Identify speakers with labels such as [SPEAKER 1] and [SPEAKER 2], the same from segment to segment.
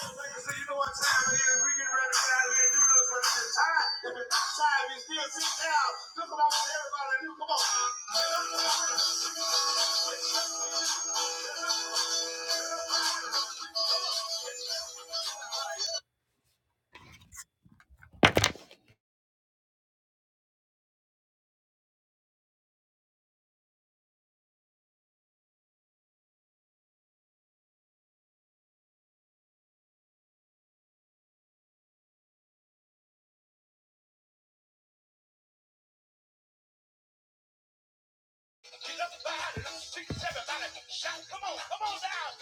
[SPEAKER 1] So you know what time it is. We getting ready to get out of here and do this one. It's time. If it's not time, you still sit down. Look what I want everybody to do. Come on. Everybody, shout. Come on. Come on down.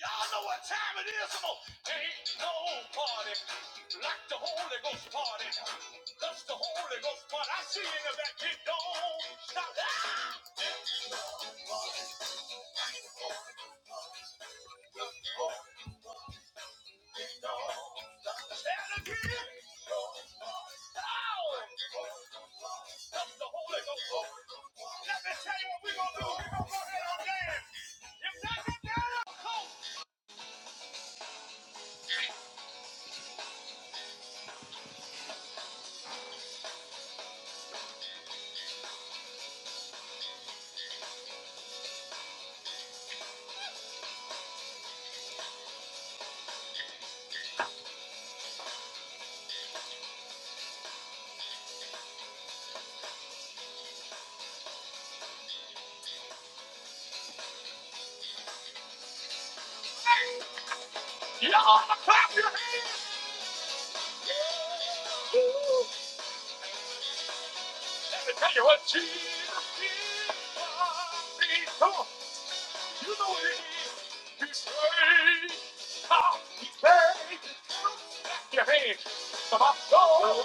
[SPEAKER 1] Y'all know what time it is. Come on. Ain't no party like the Holy Ghost party. That's the Holy Ghost party. I see you in the back. Get don't stop. Ah! Don't stop. Stand again. Don't stop. Oh. of the Holy Ghost. Let me tell you what we're going to do. We're going to go ahead and dance. If that's a dance, come. Yeah, clap your hands. Woo. Let me tell you what Jesus is. Come on. You know what it is. He's saved. How he saved. Clap your hands. For my soul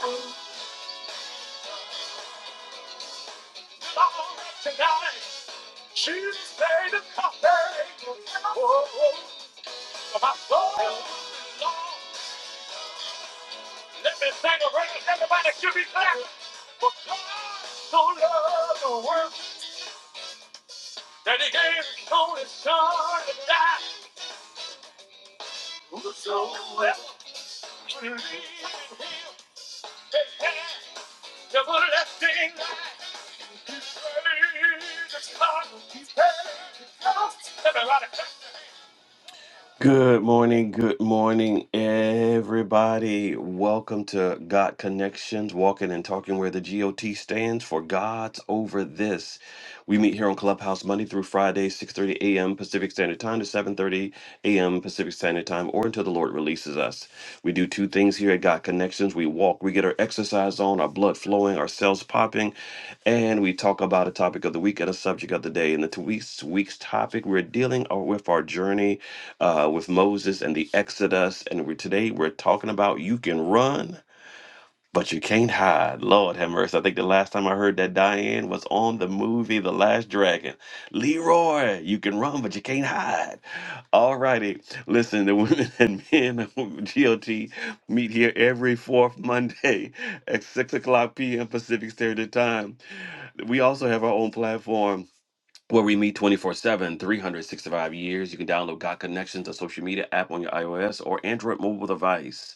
[SPEAKER 1] belongs to tonight. Jesus paid the cost. Oh, for my soul belongs Let me sing a praise. Everybody should be clapping. For God so loved the world that he gave his only son to die. Whosoever believes in him has everlasting life. He saved his heart. He saved his house. Everybody Good morning, good morning, everybody. Welcome to God Connections, walking and talking where the GOT stands for God's over this. We meet here on Clubhouse Monday through Friday, 6:30 a.m. Pacific Standard Time to 7:30 a.m. Pacific Standard Time, or until the Lord releases us. We do two things here at God Connections. We walk, we get our exercise on, our blood flowing, our cells popping, and we talk about a topic of the week and a subject of the day. In the two weeks week's topic, we're dealing uh, with our journey uh, with Moses and the Exodus. And we're, today we're talking about you can run, but you can't hide. Lord have mercy. I think the last time I heard that Diane was on the movie The Last Dragon. Leroy, you can run, but you can't hide. All righty. Listen, the women and men of GLT meet here every fourth Monday at 6 o'clock p.m. Pacific Standard Time. We also have our own platform where we meet 24 7, 365 years. You can download God Connections, a social media app on your iOS or Android mobile device.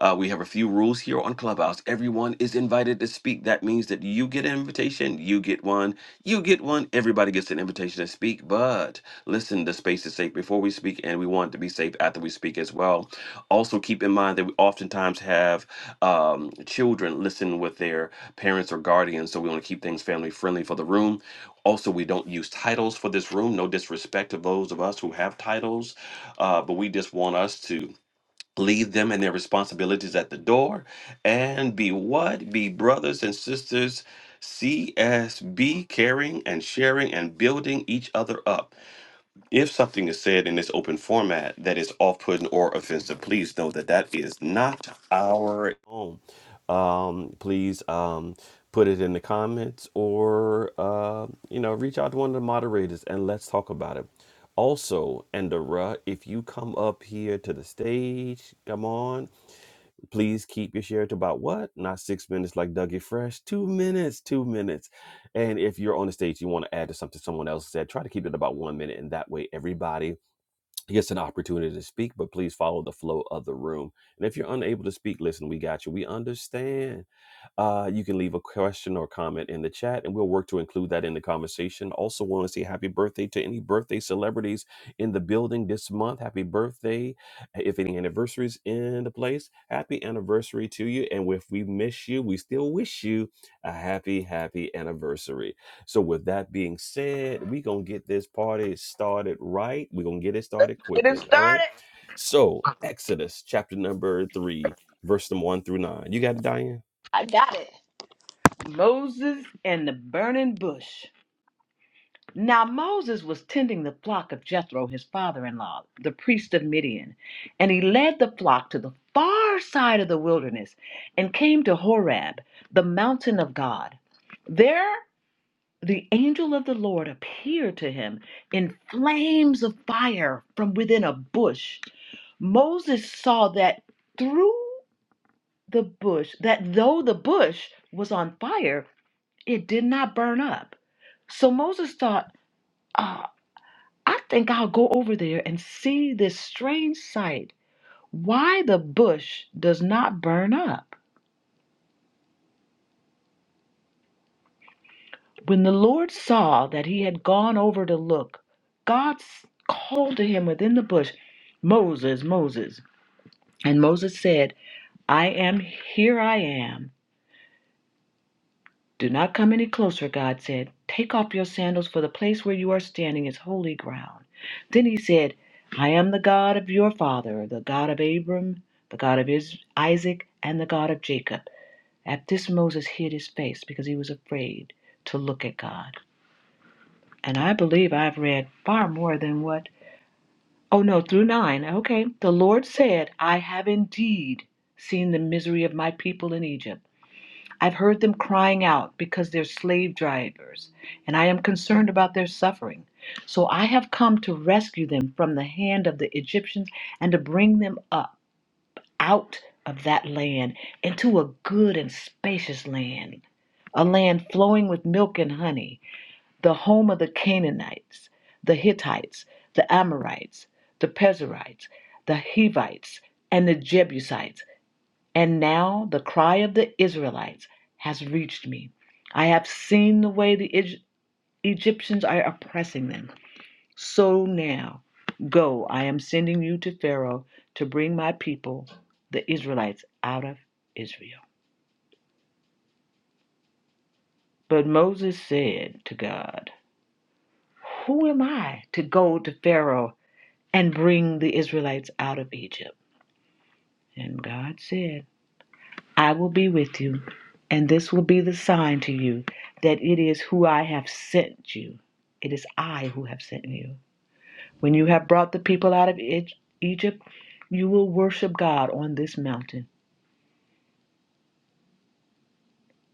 [SPEAKER 1] Uh, we have a few rules here on Clubhouse. Everyone is invited to speak. That means that you get an invitation, you get one, you get one. Everybody gets an invitation to speak. But listen, the space is safe before we speak, and we want it to be safe after we speak as well. Also, keep in mind that we oftentimes have um, children listen with their parents or guardians, so we want to keep things family friendly for the room. Also, we don't use titles for this room. No disrespect to those of us who have titles, uh, but we just want us to leave them and their responsibilities at the door and be what be brothers and sisters csb caring and sharing and building each other up if something is said in this open format that is off-putting or offensive, please know that that is not our own. Um, please um, put it in the comments or uh, you know reach out to one of the moderators and let's talk about it. Also, Andorra, if you come up here to the stage, come on Please keep your share to about what? Not six minutes like Dougie Fresh. Two minutes, two minutes. And if you're on the stage, you want to add to something someone else said, try to keep it about one minute. And that way, everybody gets an opportunity to speak, but please follow the flow of the room. And if you're unable to speak, listen, we got you. We understand. Uh, you can leave a question or comment in the chat, and we'll work to include that in the conversation. Also, want to say happy birthday to any birthday celebrities in the building this month. Happy birthday. If any anniversaries in the place, happy anniversary to you. And if we miss you, we still wish you a happy, happy anniversary. So, with that being said, we're going to get this party started right. We're going to get it started
[SPEAKER 2] Get it
[SPEAKER 1] quickly. All right.
[SPEAKER 2] started.
[SPEAKER 1] So, Exodus chapter number three, verse number one through nine. You got it, Diane?
[SPEAKER 2] Moses and the burning bush. Now Moses was tending the flock of Jethro, his father in law, the priest of Midian, and he led the flock to the far side of the wilderness and came to Horeb, the mountain of God. There the angel of the Lord appeared to him in flames of fire from within a bush. Moses saw that through the bush, that though the bush was on fire, It did not burn up. So Moses thought, uh, I think I'll go over there and see this strange sight, why the bush does not burn up. When the Lord saw that he had gone over to look, God s- called to him within the bush, Moses, Moses. And Moses said, I am, here I am. Do not come any closer, God said. Take off your sandals, for the place where you are standing is holy ground. Then he said, I am the God of your father, the God of Abram, the God of Is- Isaac, and the God of Jacob. At this, Moses hid his face because he was afraid to look at God. And I believe I've read far more than what. Oh, no, through nine. Okay. The Lord said, I have indeed seen the misery of my people in Egypt I've heard them crying out because they're slave drivers, and I am concerned about their suffering. So I have come to rescue them from the hand of the Egyptians and to bring them up out of that land into a good and spacious land, a land flowing with milk and honey, the home of the Canaanites, the Hittites, the Amorites, the Pezerites, the Hivites, and the Jebusites and now the cry of the Israelites has reached me. I have seen the way the Egyptians are oppressing them. So now, go, I am sending you to Pharaoh to bring my people, the Israelites, out of Israel. But Moses said to God, Who am I to go to Pharaoh and bring the Israelites out of Egypt? And God said, I will be with you, and this will be the sign to you that it is who I have sent you. It is I who have sent you. When you have brought the people out of E- Egypt, you will worship God on this mountain.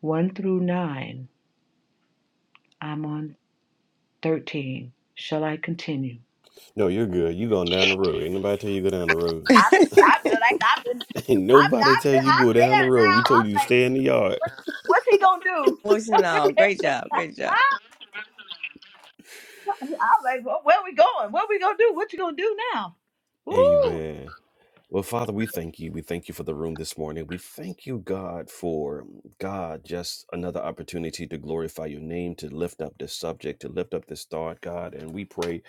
[SPEAKER 2] 1 through 9. I'm on 13. Shall I continue?
[SPEAKER 1] No, you're good. You going down the road. Ain't nobody tell you go down the road.
[SPEAKER 2] I feel, I feel like I've been,
[SPEAKER 1] Ain't
[SPEAKER 2] I feel,
[SPEAKER 1] nobody
[SPEAKER 2] I
[SPEAKER 1] tell
[SPEAKER 2] feel,
[SPEAKER 1] you
[SPEAKER 2] I'm
[SPEAKER 1] go down the
[SPEAKER 2] there
[SPEAKER 1] road. We
[SPEAKER 2] now.
[SPEAKER 1] told
[SPEAKER 2] I'm
[SPEAKER 1] you to stay
[SPEAKER 2] like,
[SPEAKER 1] in the yard.
[SPEAKER 2] what's he gonna do?
[SPEAKER 3] Motion Great job. Great job.
[SPEAKER 2] I, I'm like, well, where we going? What we gonna do? What you gonna do now? Woo!
[SPEAKER 1] Amen. Well, Father, we thank you. We thank you for the room this morning. We thank you, God, for God, just another opportunity to glorify your name, to lift up this subject, to lift up this thought, God. And we pray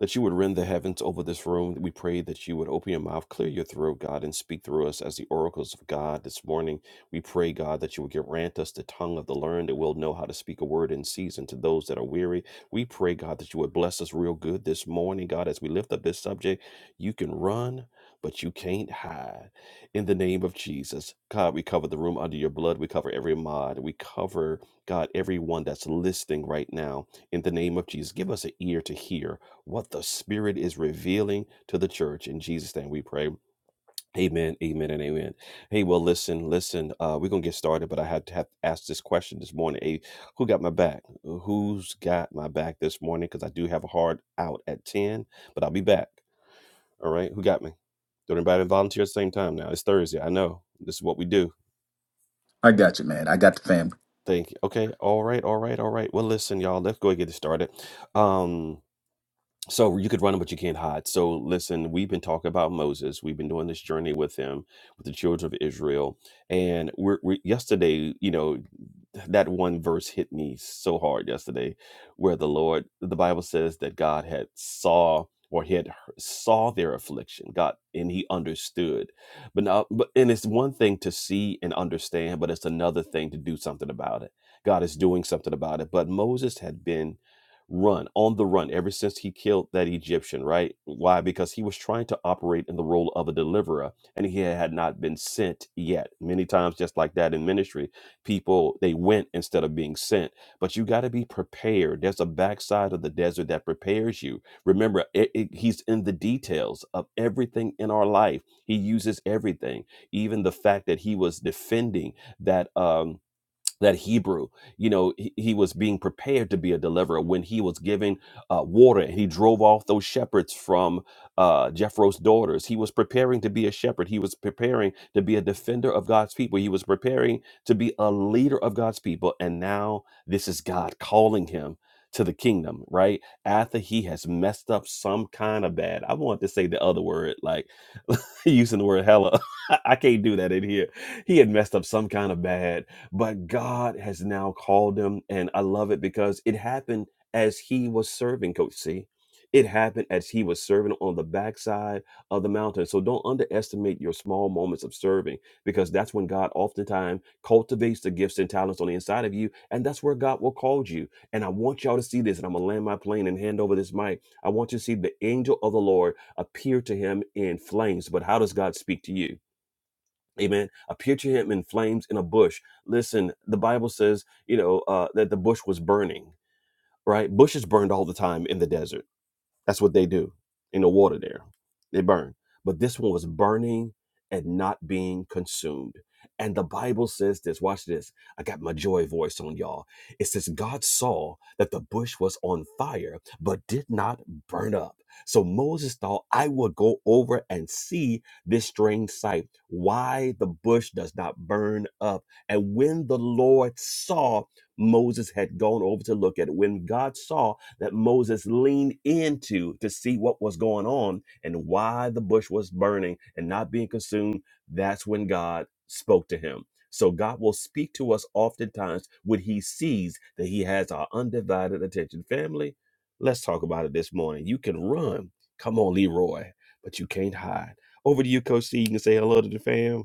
[SPEAKER 1] that you would rend the heavens over this room. We pray that you would open your mouth, clear your throat, God, and speak through us as the oracles of God this morning. We pray, God, that you would grant us the tongue of the learned that we'll know how to speak a word in season to those that are weary. We pray, God, that you would bless us real good this morning, God, as we lift up this subject. You can run but you can't hide. In the name of Jesus, God, we cover the room under your blood. We cover every mod. We cover, God, everyone that's listening right now. In the name of Jesus, give us an ear to hear what the Spirit is revealing to the church. In Jesus' name we pray. Amen, amen, and amen. Hey, well, listen, listen. Uh, we're going to get started, but I had to have asked this question this morning. Hey, who got my back? Who's got my back this morning? Because I do have a hard out at 10, but I'll be back. All right, who got me? Don't anybody volunteer at the same time now. It's Thursday. I know. This is what we do.
[SPEAKER 4] I got you, man. I got the fam.
[SPEAKER 1] Thank you. Okay. All right. All right. All right. Well, listen, y'all. Let's go and get it started. Um, so you could run but you can't hide so listen we've been talking about moses we've been doing this journey with him with the children of israel and we're, we yesterday you know that one verse hit me so hard yesterday where the lord the bible says that god had saw or he had he- saw their affliction god and he understood but now but and it's one thing to see and understand but it's another thing to do something about it god is doing something about it but moses had been run on the run ever since he killed that Egyptian, right? Why? Because he was trying to operate in the role of a deliverer and he had not been sent yet. Many times, just like that in ministry, people they went instead of being sent. But you got to be prepared. There's a backside of the desert that prepares you. Remember, it, it- he's in the details of everything in our life. He uses everything, even the fact that he was defending that. Um, that Hebrew, you know, he, he was being prepared to be a deliverer when he was giving uh, water and he drove off those shepherds from uh, Jephro's daughters. He was preparing to be a shepherd. He was preparing to be a defender of God's people. He was preparing to be a leader of God's people. And now this is God calling him to the kingdom, right? After he has messed up some kind of bad. I want to say the other word, like using the word hella. I can't do that in here. He had messed up some kind of bad but God has now called him. And I love it because it happened as he was serving, Coach C. It happened as he was serving on the backside of the mountain. So don't underestimate your small moments of serving because that's when God oftentimes cultivates the gifts and talents on the inside of you. And that's where God will call you. And I want y'all to see this. And I'm going to land my plane and hand over this mic. I want you to see the angel of the Lord appear to him in flames. But how does God speak to you? Amen. Appear to him in flames in a bush. Listen, the Bible says, you know, uh, that the bush was burning, right? Bushes burned all the time in the desert that's what they do. in the water there. They burn. But this one was burning and not being consumed. And the Bible says this. Watch this. I got my joy voice on y'all. It says, God saw that the bush was on fire, but did not burn up. So Moses thought, I will go over and see this strange sight, why the bush does not burn up. And when the Lord saw Moses had gone over to look at. When God saw that Moses leaned into to see what was going on and why the bush was burning and not being consumed, that's when God spoke to him. So God will speak to us oftentimes when he sees that he has our undivided attention. Family, let's talk about it this morning. You can run. Come on, Leroy, but you can't hide. Over to you, Coach C. You can say hello to the fam.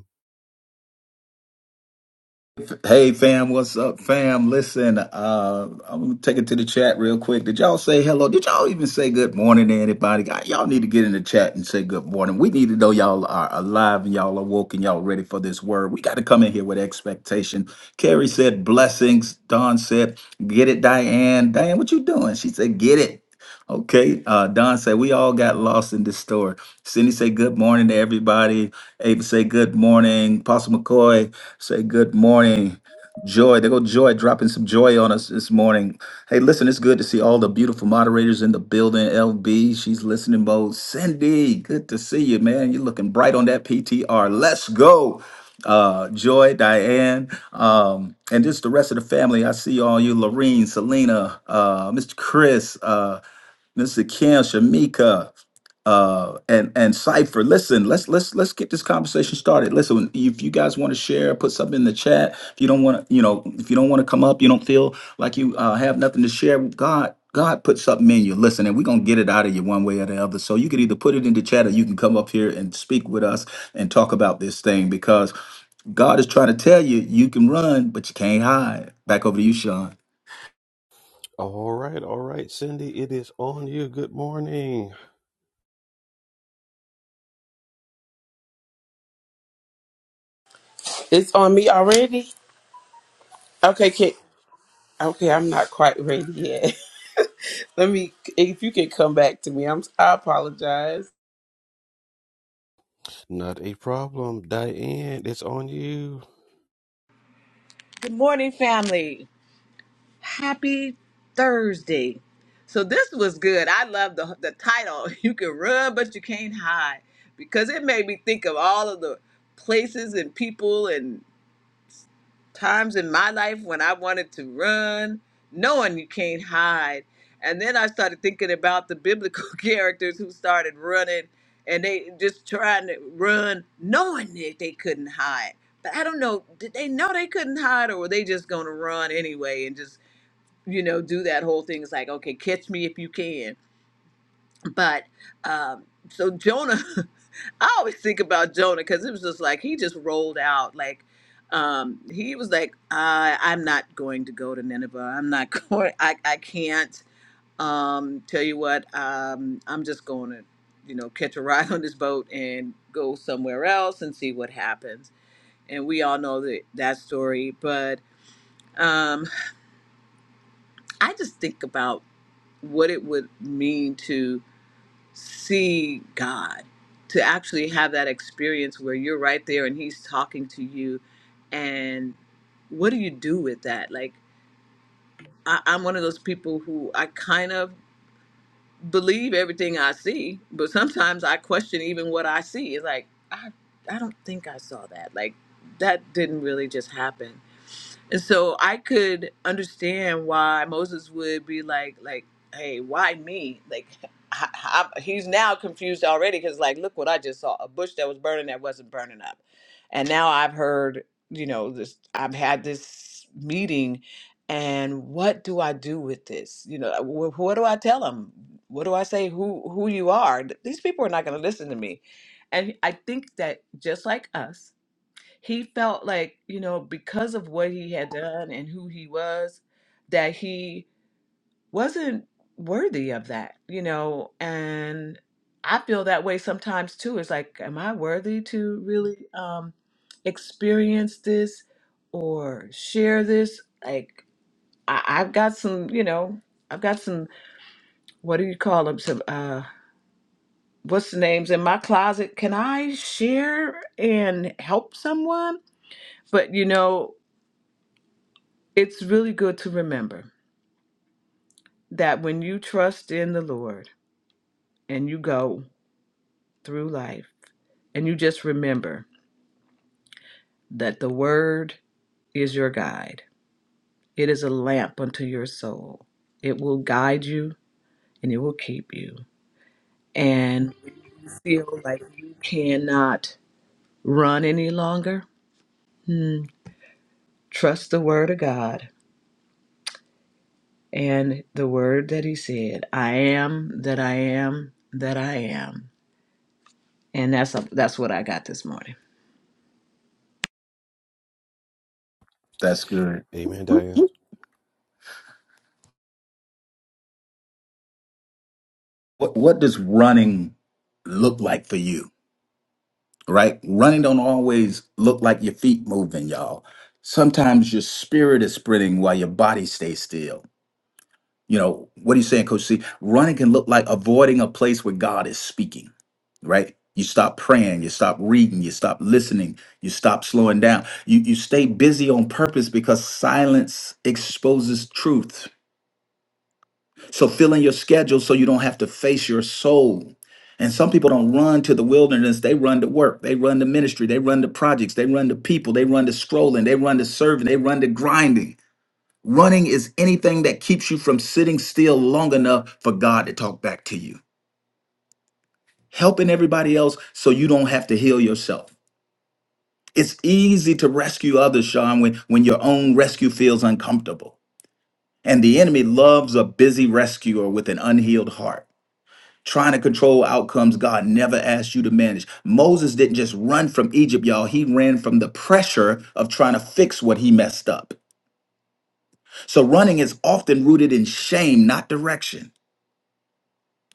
[SPEAKER 4] Hey, fam, what's up, fam? Listen, uh, I'm gonna take it to the chat real quick. Did y'all say hello? Did y'all even say good morning to anybody? God, Y'all need to get in the chat and say good morning. We need to know y'all are alive and y'all are woke and y'all ready for this word. We got to come in here with expectation. Carrie said blessings. Don said, get it, Diane. Diane, what you doing? She said, get it. Okay, uh, Don said we all got lost in this story. Cindy say good morning to everybody. Ava say good morning. Apostle McCoy say good morning. Joy, there go Joy dropping some joy on us this morning. Hey, listen, it's good to see all the beautiful moderators in the building. LB, she's listening mode. Cindy, good to see you, man. You're looking bright on that PTR. Let's go. Uh, Joy, Diane, um, and just the rest of the family. I see all you, Lorene, Selena, uh, Mr. Chris, uh, Mr. Kim, Shamika, uh, and and Cipher. Listen, let's let's let's get this conversation started. Listen, if you guys want to share, put something in the chat. If you don't want to, you know, if you don't want to come up, you don't feel like you uh, have nothing to share. God, God put something in you. Listen, and we're gonna get it out of you one way or the other. So you can either put it in the chat, or you can come up here and speak with us and talk about this thing because God is trying to tell you you can run, but you can't hide. Back over to you, Sean.
[SPEAKER 1] All right, all right, Cindy, it is on you. Good morning.
[SPEAKER 5] It's on me already? Okay, can, okay, I'm not quite ready yet. Let me if you can come back to me. I'm I apologize.
[SPEAKER 1] Not a problem. Diane, it's on you.
[SPEAKER 2] Good morning, family. Happy Thursday. So this was good. I love the the title. You can run, but you can't hide, because it made me think of all of the places and people and times in my life when I wanted to run, knowing you can't hide. And then I started thinking about the biblical characters who started running and they just trying to run, knowing that they couldn't hide. But I don't know, did they know they couldn't hide or were they just gonna run anyway and just you know, do that whole thing. It's like, okay, catch me if you can. But um, so Jonah, I always think about Jonah because it was just like he just rolled out. Like um, he was like, I, I'm not going to go to Nineveh. I'm not going. I, I can't. Um, tell you what, um, I'm just going to, you know, catch a ride on this boat and go somewhere else and see what happens. And we all know that that story. But um, I just think about. what it would mean to see God, to actually have that experience where you're right there and He's talking to you. And what do you do with that? Like, I, I'm one of those people who I kind of believe everything I see, but sometimes I question even what I see. It's like I I don't think I saw that. Like that didn't really just happen. And so I could understand why Moses would be like like hey, why me? Like I, I, he's now confused already cuz like look what I just saw, a bush that was burning that wasn't burning up. And now I've heard, you know, this I've had this meeting and what do I do with this? You know, wh- what do I tell them? What do I say? Who who you are? Th- These people are not going to listen to me. And I think that just like us, he felt like you know because of what he had done and who he was, that he wasn't worthy of that. You know, and I feel that way sometimes too. It's like, am I worthy to really um, experience this or share this? Like I, I've got some, you know, I've got some, what do you call them? Some, uh, what's the names in my closet? Can I share and help someone? But, you know, it's really good to remember that when you trust in the Lord and you go through life and you just remember that the Word is your guide, it is a lamp unto your soul. It will guide you and it will keep you. And feel like you cannot run any longer Mm, Trust the word of God and the word that he said, I am that I am that I am. And that's a, that's what I got this morning.
[SPEAKER 4] That's good.
[SPEAKER 1] Amen, Diane.
[SPEAKER 4] What what does running look like for you? Right? Running don't always look like your feet moving, y'all. Sometimes your spirit is sprinting while your body stays still. You know, what are you saying, Coach C? Running can look like avoiding a place where God is speaking, right? You stop praying, you stop reading, you stop listening, you stop slowing down. You you stay busy on purpose because silence exposes truth So fill in your schedule so you don't have to face your soul. And some people don't run to the wilderness, they run to work, they run to ministry, they run to projects, they run to people, they run to scrolling, they run to serving, they run to grinding. Running is anything that keeps you from sitting still long enough for God to talk back to you. Helping everybody else so you don't have to heal yourself. It's easy to rescue others, Sean, when, when your own rescue feels uncomfortable. And the enemy loves a busy rescuer with an unhealed heart. trying to control outcomes God never asked you to manage. Moses didn't just run from Egypt, y'all. He ran from the pressure of trying to fix what he messed up. So running is often rooted in shame, not direction.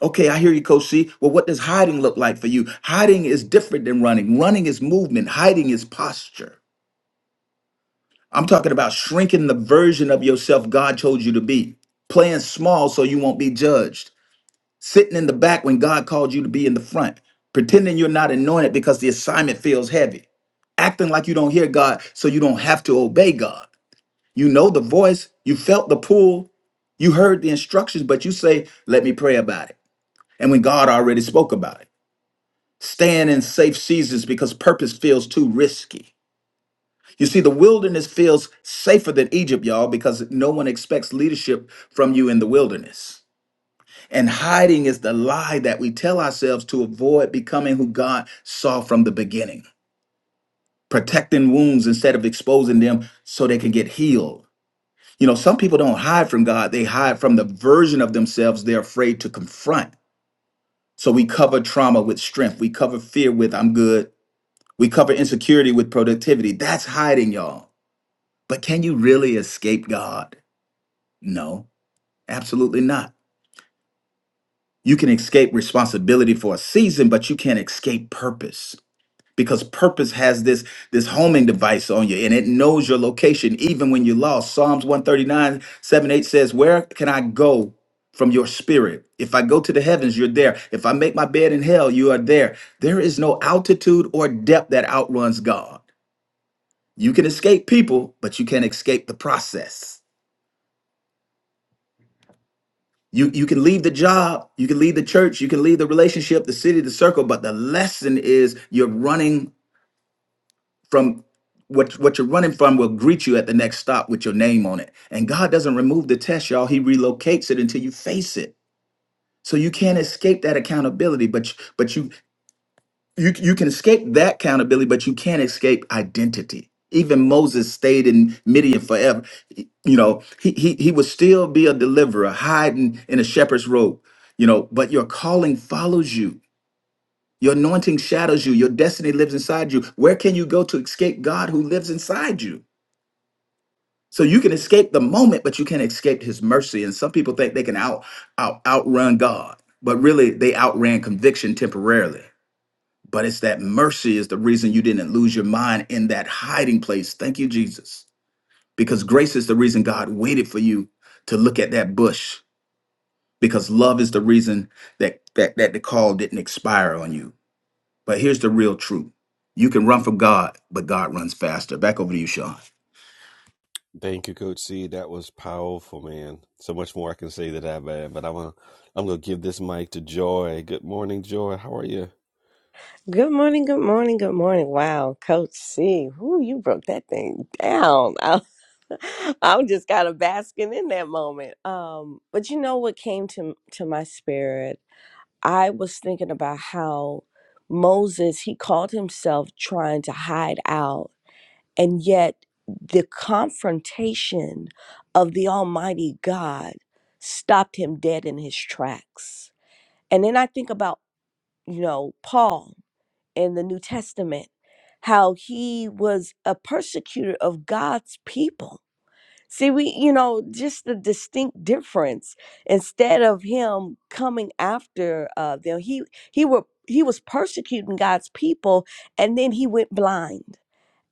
[SPEAKER 4] Okay, I hear you, Coach C. Well, what does hiding look like for you? Hiding is different than running. Running is movement, hiding is posture. I'm talking about shrinking the version of yourself God told you to be, playing small so you won't be judged sitting in the back when God called you to be in the front, pretending you're not anointed because the assignment feels heavy, acting like you don't hear God so you don't have to obey God. You know the voice, you felt the pull, you heard the instructions, but you say, Let me pray about it. And when God already spoke about it, staying in safe seasons because purpose feels too risky. You see, the wilderness feels safer than Egypt, y'all, because no one expects leadership from you in the wilderness. And hiding is the lie that we tell ourselves to avoid becoming who God saw from the beginning, protecting wounds instead of exposing them so they can get healed. You know, some people don't hide from God, they hide from the version of themselves they're afraid to confront. So we cover trauma with strength, we cover fear with I'm good, we cover insecurity with productivity. That's hiding, y'all. But can you really escape God? No, absolutely not. You can escape responsibility for a season, but you can't escape purpose. because purpose has this this homing device on you and it knows your location even when you're lost psalms 139 8 says where can i go from your spirit if i go to the heavens you're there if i make my bed in hell you are there there is no altitude or depth that outruns god you can escape people but you can't escape the process you you can leave the job you can leave the church you can leave the relationship the city the circle but the lesson is you're running from what what you're running from will greet you at the next stop with your name on it. And God doesn't remove the test, y'all. He relocates it until you face it. So you can't escape that accountability, but but you you you can escape that accountability, but you can't escape identity. Even Moses stayed in Midian forever. You know, he he he would still be a deliverer, hiding in a shepherd's robe. You know, but your calling follows you. Your anointing shadows you. Your destiny lives inside you. Where can you go to escape God who lives inside you? So you can escape the moment, but you can't escape his mercy. And some people think they can out, out outrun God, but really they outran conviction temporarily. But it's that mercy is the reason you didn't lose your mind in that hiding place. Thank you, Jesus. Because grace is the reason God waited for you to look at that bush. Because love is the reason that that, that the call didn't expire on you. But here's the real truth. You can run from God, but God runs faster. Back over to you, Sean.
[SPEAKER 1] Thank you, Coach C. That was powerful, man. So much more I can say to that, man. But I'm gonna, I'm gonna give this mic to Joy. Good morning, Joy. How are you?
[SPEAKER 3] Good morning. Good morning. Good morning. Wow, Coach C. Whoo, you broke that thing down. I, I'm just kind of basking in that moment. Um, but you know what came to to my spirit? I was thinking about how Moses he called himself trying to hide out, and yet the confrontation of the Almighty God stopped him dead in his tracks. And then I think about you know, Paul in the New Testament, how he was a persecutor of God's people. See, we, you know, just the distinct difference. Instead of him coming after uh, them, he he were he was persecuting God's people, and then he went blind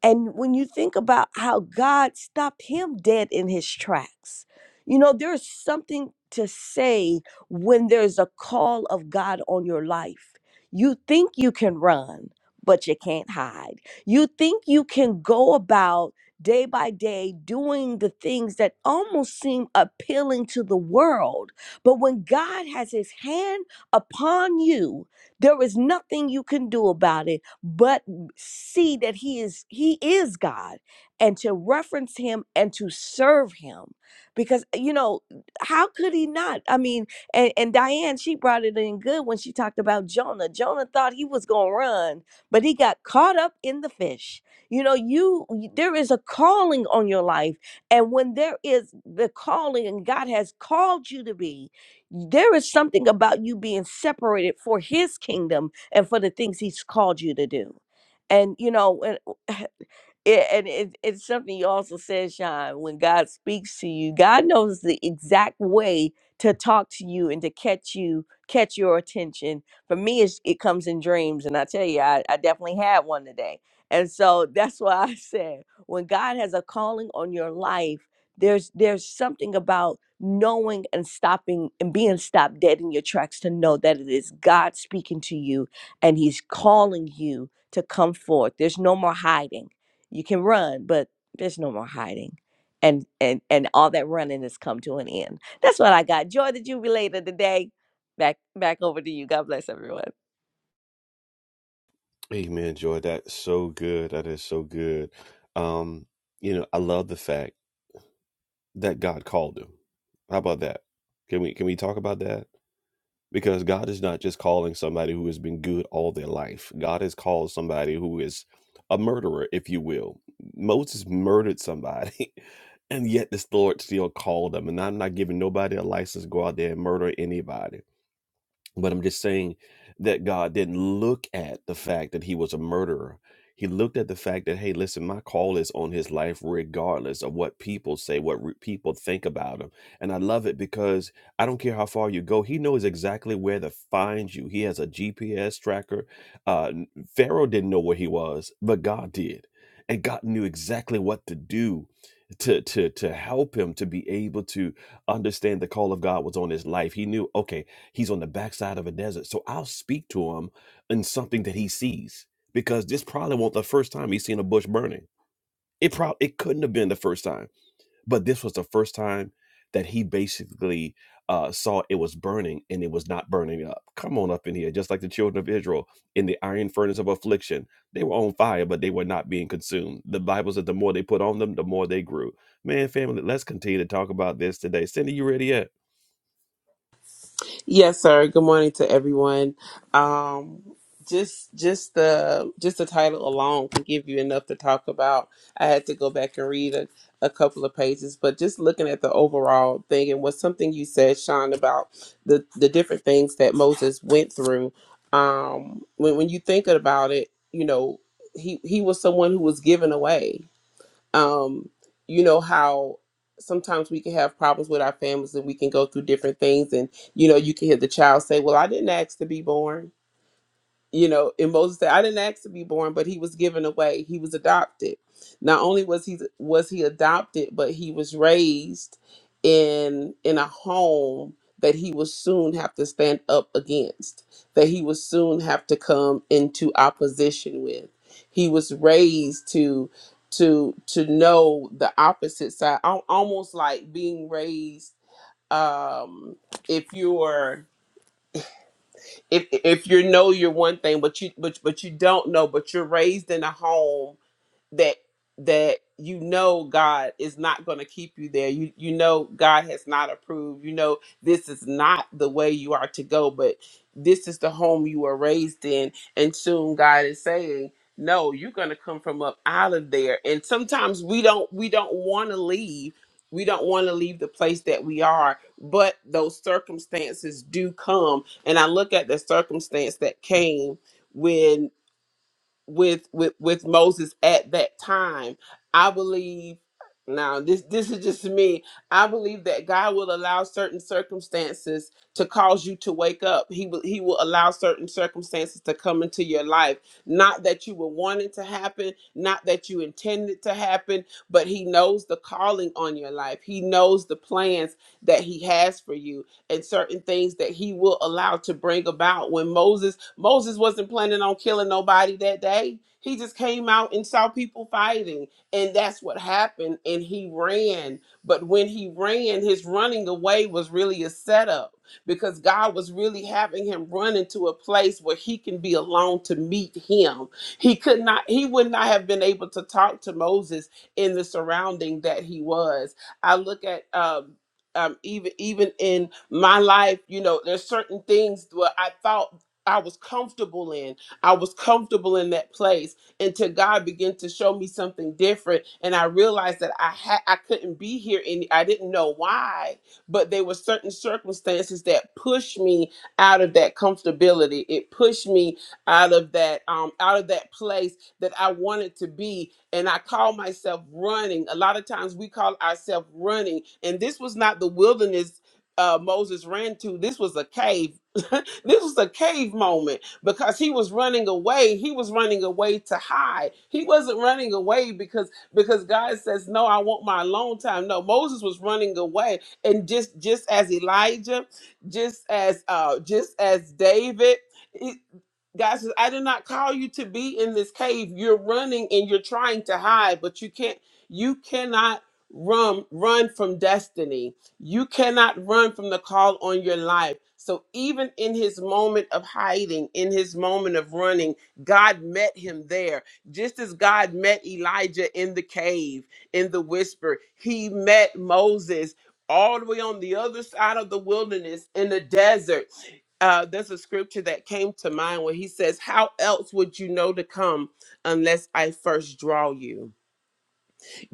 [SPEAKER 3] and when you think about how God stopped him dead in his tracks, you know, there's something to say when there's a call of God on your life. You think you can run, but you can't hide. You think you can go about day by day doing the things that almost seem appealing to the world. But when God has his hand upon you, there is nothing you can do about it but see that he is he is God and to reference him and to serve him because you know how could he not I mean and, and Diane she brought it in good when she talked about Jonah Jonah thought he was going to run but he got caught up in the fish you know you there is a calling on your life and when there is the calling and God has called you to be there is something about you being separated for his kingdom and for the things he's called you to do and you know and it, and it, it's something you also said, Sean, when God speaks to you, God knows the exact way to talk to you and to catch you, catch your attention. For me, it's, it comes in dreams. And I tell you, I, I definitely had one today. And so that's why I said, when God has a calling on your life, there's there's something about knowing and stopping and being stopped dead in your tracks to know that it is God speaking to you and he's calling you to come forth. There's no more hiding you can run, but there's no more hiding. And and and all that running has come to an end. That's what I got. Joy the jubilator today. Back back over to you. God bless everyone.
[SPEAKER 1] Amen, Joy. That's so good. That is so good. Um, you know, I love the fact that God called him. How about that? Can we can we talk about that? because God is not just calling somebody who has been good all their life. God has called somebody who is a murderer, if you will. Moses murdered somebody, and yet this Lord still called him. And I'm not giving nobody a license to go out there and murder anybody. But I'm just saying that God didn't look at the fact that he was a murderer. He looked at the fact that, hey, listen, my call is on his life, regardless of what people say, what re- people think about him. And I love it because I don't care how far you go, he knows exactly where to find you. He has a GPS tracker. Uh, n- Pharaoh didn't know where he was, but God did. And God knew exactly what to do to, to, to help him to be able to understand the call of God was on his life. He knew, okay, He's on the backside of a desert. So I'll speak to him in something that he sees because this probably won't the first time he's seen a bush burning. It probably it couldn't have been the first time but this was the first time that he basically uh, saw it was burning and it was not burning up. Come on up in here, just like the children of Israel in the iron furnace of affliction. They were on fire, but they were not being consumed. The Bible said the more they put on them, the more they grew. Man, family, let's continue to talk about this today. Cindy, you ready yet?
[SPEAKER 5] Yes, sir. Good morning to everyone. Um, just just the just the title alone can give you enough to talk about. I had to go back and read a, a couple of pages, but just looking at the overall thing and was something you said, Sean, about the the different things that Moses went through. Um, when when you think about it, you know, he he was someone who was given away um, you know how sometimes we can have problems with our families and we can go through different things and you know you can hear the child say well i didn't ask to be born you know, and Moses said, "I didn't ask to be born, but he was given away. He was adopted. Not only was he was he adopted, but he was raised in in a home that he would soon have to stand up against, that he would soon have to come into opposition with. He was raised to to to know the opposite side, al- almost like being raised. Um, if you're if if you know you're one thing, but you but but you don't know, but you're raised in a home that that you know God is not going to keep you there. You you know God has not approved. You know this is not the way you are to go, but this is the home you were raised in and soon God is saying, "No, you're going to come from up out of there." And sometimes we don't we don't want to leave. We don't want to leave the place that we are, but those circumstances do come. And I look at the circumstance that came with with with Moses at that time. I believe now this this is just me. I believe that God will allow certain circumstances to cause you to wake up. He will he will allow certain circumstances to come into your life. Not that you were wanting to happen, not that you intended to happen, but he knows the calling on your life. He knows the plans that he has for you and certain things that he will allow to bring about. When Moses Moses wasn't planning on killing nobody that day. He just came out and saw people fighting. And that's what happened. And he ran. But when he ran, his running away was really a setup because God was really having him run into a place where he can be alone to meet him. He could not, he would not have been able to talk to Moses in the surrounding that he was. I look at um, um, even even in my life, you know, there's certain things where I thought I was comfortable in. I was comfortable in that place until God began to show me something different, and I realized that I had I couldn't be here, and I didn't know why. But there were certain circumstances that pushed me out of that comfortability. It pushed me out of that um, out of that place that I wanted to be, and I call myself running. A lot of times we call ourselves running, and this was not the wilderness uh, Moses ran to. This was a cave. This was a cave moment because he was running away. He was running away to hide. He wasn't running away because because God says, "No, I want my alone time." No, Moses was running away, and just just as Elijah, just as uh, just as David. God says, I did not call you to be in this cave. You're running and you're trying to hide, but you can't, you cannot run, run from destiny. You cannot run from the call on your life. So even in his moment of hiding, in his moment of running, God met him there. Just as God met Elijah in the cave, in the whisper, he met Moses all the way on the other side of the wilderness in the desert uh, there's a scripture that came to mind where he says, How else would you know to come unless I first draw you?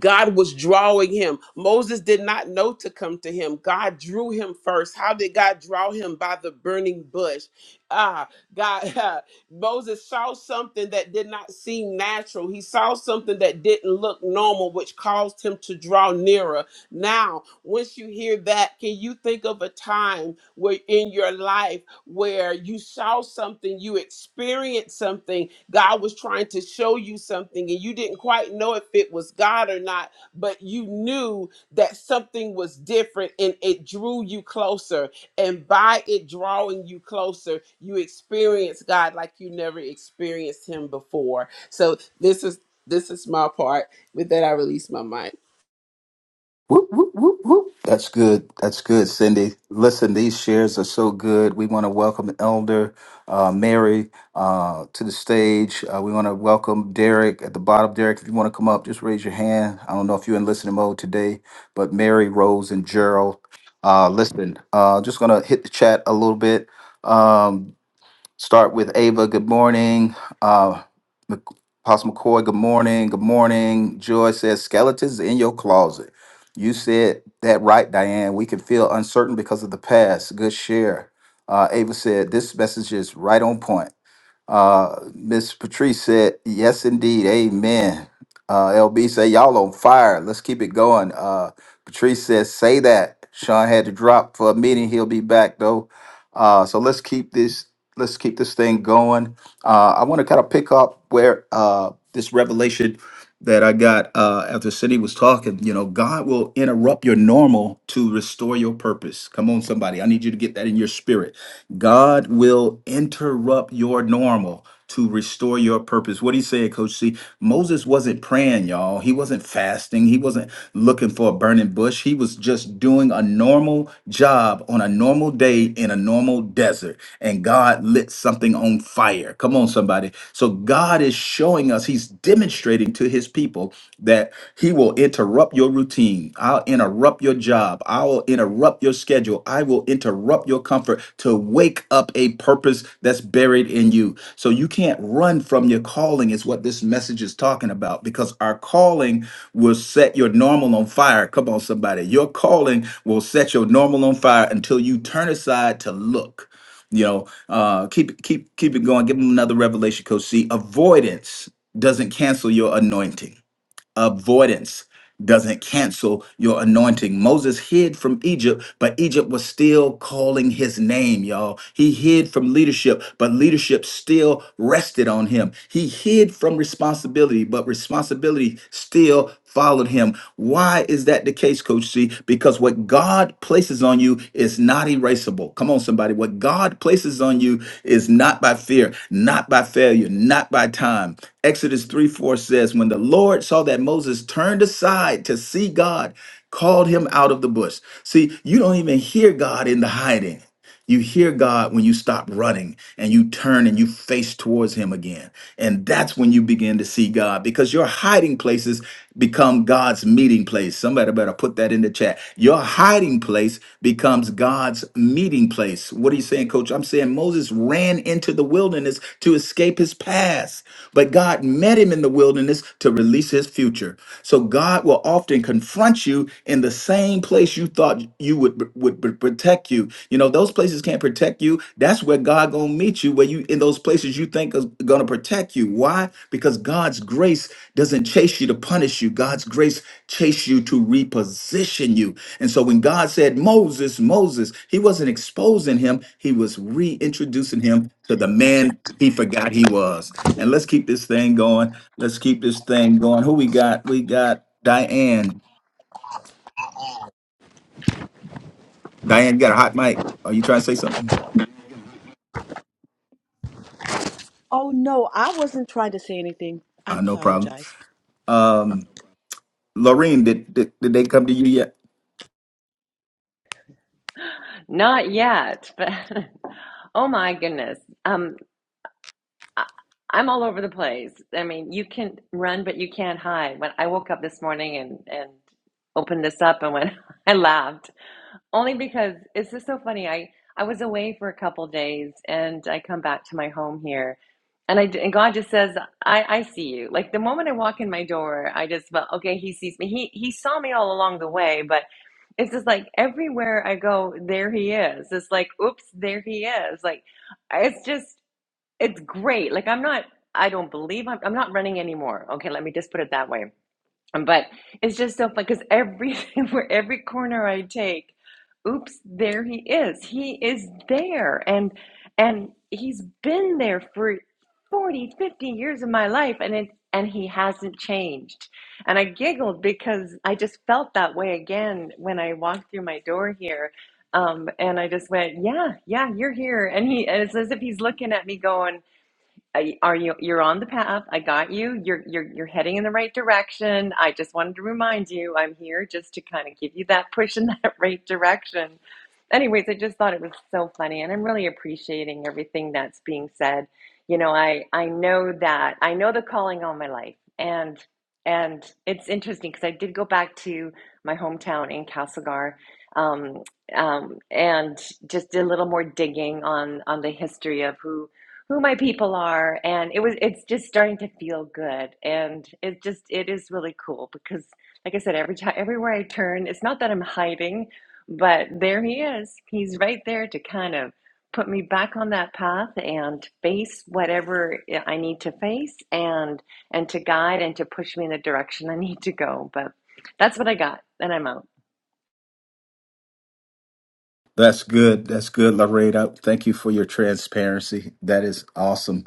[SPEAKER 5] God was drawing him. Moses did not know to come to him. God drew him first. How did God draw him? By the burning bush. Ah, God, Moses saw something that did not seem natural. He saw something that didn't look normal, which caused him to draw nearer. Now, once you hear that, can you think of a time where in your life? where you saw something, you experienced something, God was trying to show you something, and you didn't quite know if it was God or not, but you knew that something was different and it drew you closer. And by it drawing you closer, you experienced God like you never experienced Him before. So this is this is my part. With that, I release my mic.
[SPEAKER 4] Whoop, whoop, whoop, whoop. That's good. That's good, Cindy. Listen, these shares are so good. We want to welcome Elder uh, Mary uh, to the stage. Uh, we want to welcome Derek at the bottom. Derek, if you want to come up, just raise your hand. I don't know if you're in listening mode today, but Mary, Rose, and Gerald. Uh, listen, uh, just going to hit the chat a little bit. Um, Start with Ava. Good morning. Uh, Mc- Apostle McCoy. Good morning. Good morning. Joy says skeletons in your closet. You said that right, Diane. We can feel uncertain because of the past. Good share. Uh, Ava said this message is right on point. Uh, Miss Patrice said, "Yes, indeed, Amen." Uh, LB say, "Y'all on fire. Let's keep it going." Uh, Patrice says, "Say that." Sean had to drop for a meeting. He'll be back though. Uh, so let's keep this. Let's keep this thing going. Uh, I want to kind of pick up where uh, this revelation that I got uh, after Cindy was talking. You know, God will interrupt your normal to restore your purpose. Come on, somebody. I need you to get that in your spirit. God will interrupt your normal to restore your purpose. What he said, Coach C, Moses wasn't praying, y'all. He wasn't fasting. He wasn't looking for a burning bush. He was just doing a normal job on a normal day in a normal desert. And God lit something on fire. Come on, somebody. So God is showing us, he's demonstrating to his people that he will interrupt your routine. I'll interrupt your job. I will interrupt your schedule. I will interrupt your comfort to wake up a purpose that's buried in you. So you can't run from your calling, is what this message is talking about, because our calling will set your normal on fire. Come on, somebody. Your calling will set your normal on fire until you turn aside to look. You know, uh, keep keep keep it going. Give them another revelation, Coach C. Avoidance doesn't cancel your anointing avoidance doesn't cancel your anointing. Moses hid from Egypt, but Egypt was still calling his name, y'all. He hid from leadership, but leadership still rested on him. He hid from responsibility, but responsibility still followed him. Why is that the case, Coach C? Because what what God places on you is not erasable. Come on, somebody. What God places on you is not by fear, not by failure, not by time. Exodus 3 4 says, When the Lord saw that Moses turned aside to see God, called him out of the bush. See, you don't even hear God in the hiding. You hear God when you stop running and you turn and you face towards Him again. And that's when you begin to see God because your hiding places become God's meeting place. Somebody better put that in the chat. Your hiding place becomes God's meeting place. What are you saying, coach? I'm saying Moses ran into the wilderness to escape his past, but God met him in the wilderness to release his future. So God will often confront you in the same place you thought you would would pr- protect you. You know, those places can't protect you. That's where God gonna meet you, where you in those places you think is gonna protect you. Why? Because God's grace doesn't chase you to punish you. God's grace chase you to reposition you. And so when God said Moses, Moses, he wasn't exposing him, he was reintroducing him to the man he forgot he was. And let's keep this thing going. Let's keep this thing going. Who we got? We got Diane. Diane, you got a hot mic. Are you trying to say something?
[SPEAKER 2] Oh no, I wasn't trying to say anything. I
[SPEAKER 4] Uh, no problem.
[SPEAKER 2] apologize.
[SPEAKER 4] Um, Lorraine, did, did did they come to you yet?
[SPEAKER 6] Not yet, but oh my goodness. Um, I, I'm all over the place. I mean, you can run, but you can't hide. When I woke up this morning and and opened this up and when I laughed only because it's just so funny. I I was away for a couple days and I come back to my home here. And I and God just says, I, I see you. Like the moment I walk in my door, I just felt, okay, he sees me. He he saw me all along the way, but it's just like everywhere I go, there he is. It's like, oops, there he is. Like it's just it's great. Like I'm not I don't believe I'm I'm not running anymore. Okay, let me just put it that way. But it's just so fun because every where every corner I take, oops, there he is. He is there. And and he's been there for 40, 50 years of my life and it and he hasn't changed. And I giggled because I just felt that way again when I walked through my door here. Um, and I just went, yeah, yeah, you're here. And he, and it's as if he's looking at me going, are you you're on the path i got you you're you're you're heading in the right direction i just wanted to remind you i'm here just to kind of give you that push in that right direction anyways i just thought it was so funny and i'm really appreciating everything that's being said you know i i know that i know the calling all my life and and it's interesting because i did go back to my hometown in castlegar um, um, and just did a little more digging on on the history of who who my people are and it was it's just starting to feel good and it just it is really cool because like i said every time everywhere i turn it's not that i'm hiding but there he is he's right there to kind of put me back on that path and face whatever i need to face and and to guide and to push me in the direction i need to go but that's what i got and i'm out
[SPEAKER 4] That's good. That's good, Lorraine. I, thank you for your transparency. That is awesome.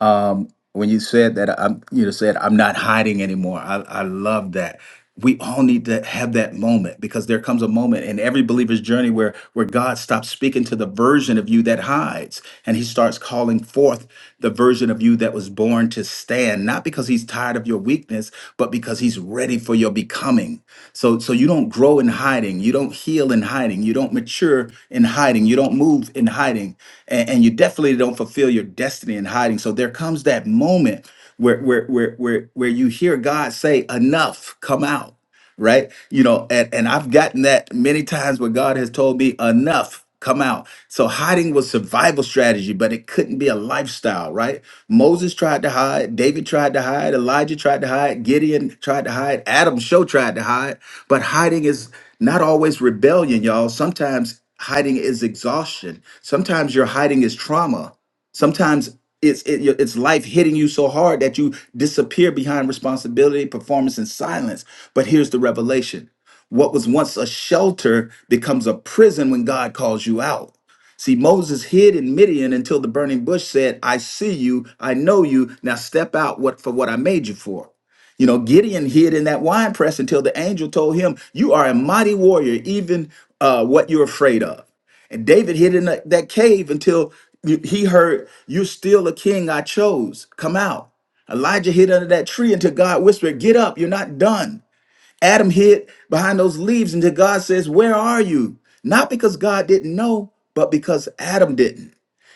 [SPEAKER 4] Um, when you said that, I'm you said I'm not hiding anymore. I I love that. We all need to have that moment because there comes a moment in every believer's journey where where God stops speaking to the version of you that hides, and He starts calling forth the version of you that was born to stand. Not because He's tired of your weakness, but because he's ready for your becoming. So so you don't grow in hiding, you don't heal in hiding, you don't mature in hiding, you don't move in hiding, and, and you definitely don't fulfill your destiny in hiding. So there comes that moment where where where where where you hear God say, Enough, come out right? You know, and, and I've gotten that many times where God has told me, enough, come out. So hiding was survival strategy, but it couldn't be a lifestyle, right? Moses tried to hide, David tried to hide, Elijah tried to hide, Gideon tried to hide, Adam show tried to hide, but hiding is not always rebellion, y'all. Sometimes hiding is exhaustion. Sometimes your hiding is trauma. Sometimes it's it, it's life hitting you so hard that you disappear behind responsibility, performance, and silence. But here's the revelation: what was once a shelter becomes a prison when God calls you out. See, Moses hid in Midian until the burning bush said, "I see you, I know you. Now step out what for what I made you for." You know, Gideon hid in that wine press until the angel told him, "You are a mighty warrior, even uh, what you're afraid of." And David hid in that that cave until he heard, You're still a king I chose. Come out. Elijah hid under that tree until God whispered, Get up, you're not done. Adam hid behind those leaves until God says, Where are you? Not because God didn't know, but because Adam didn't.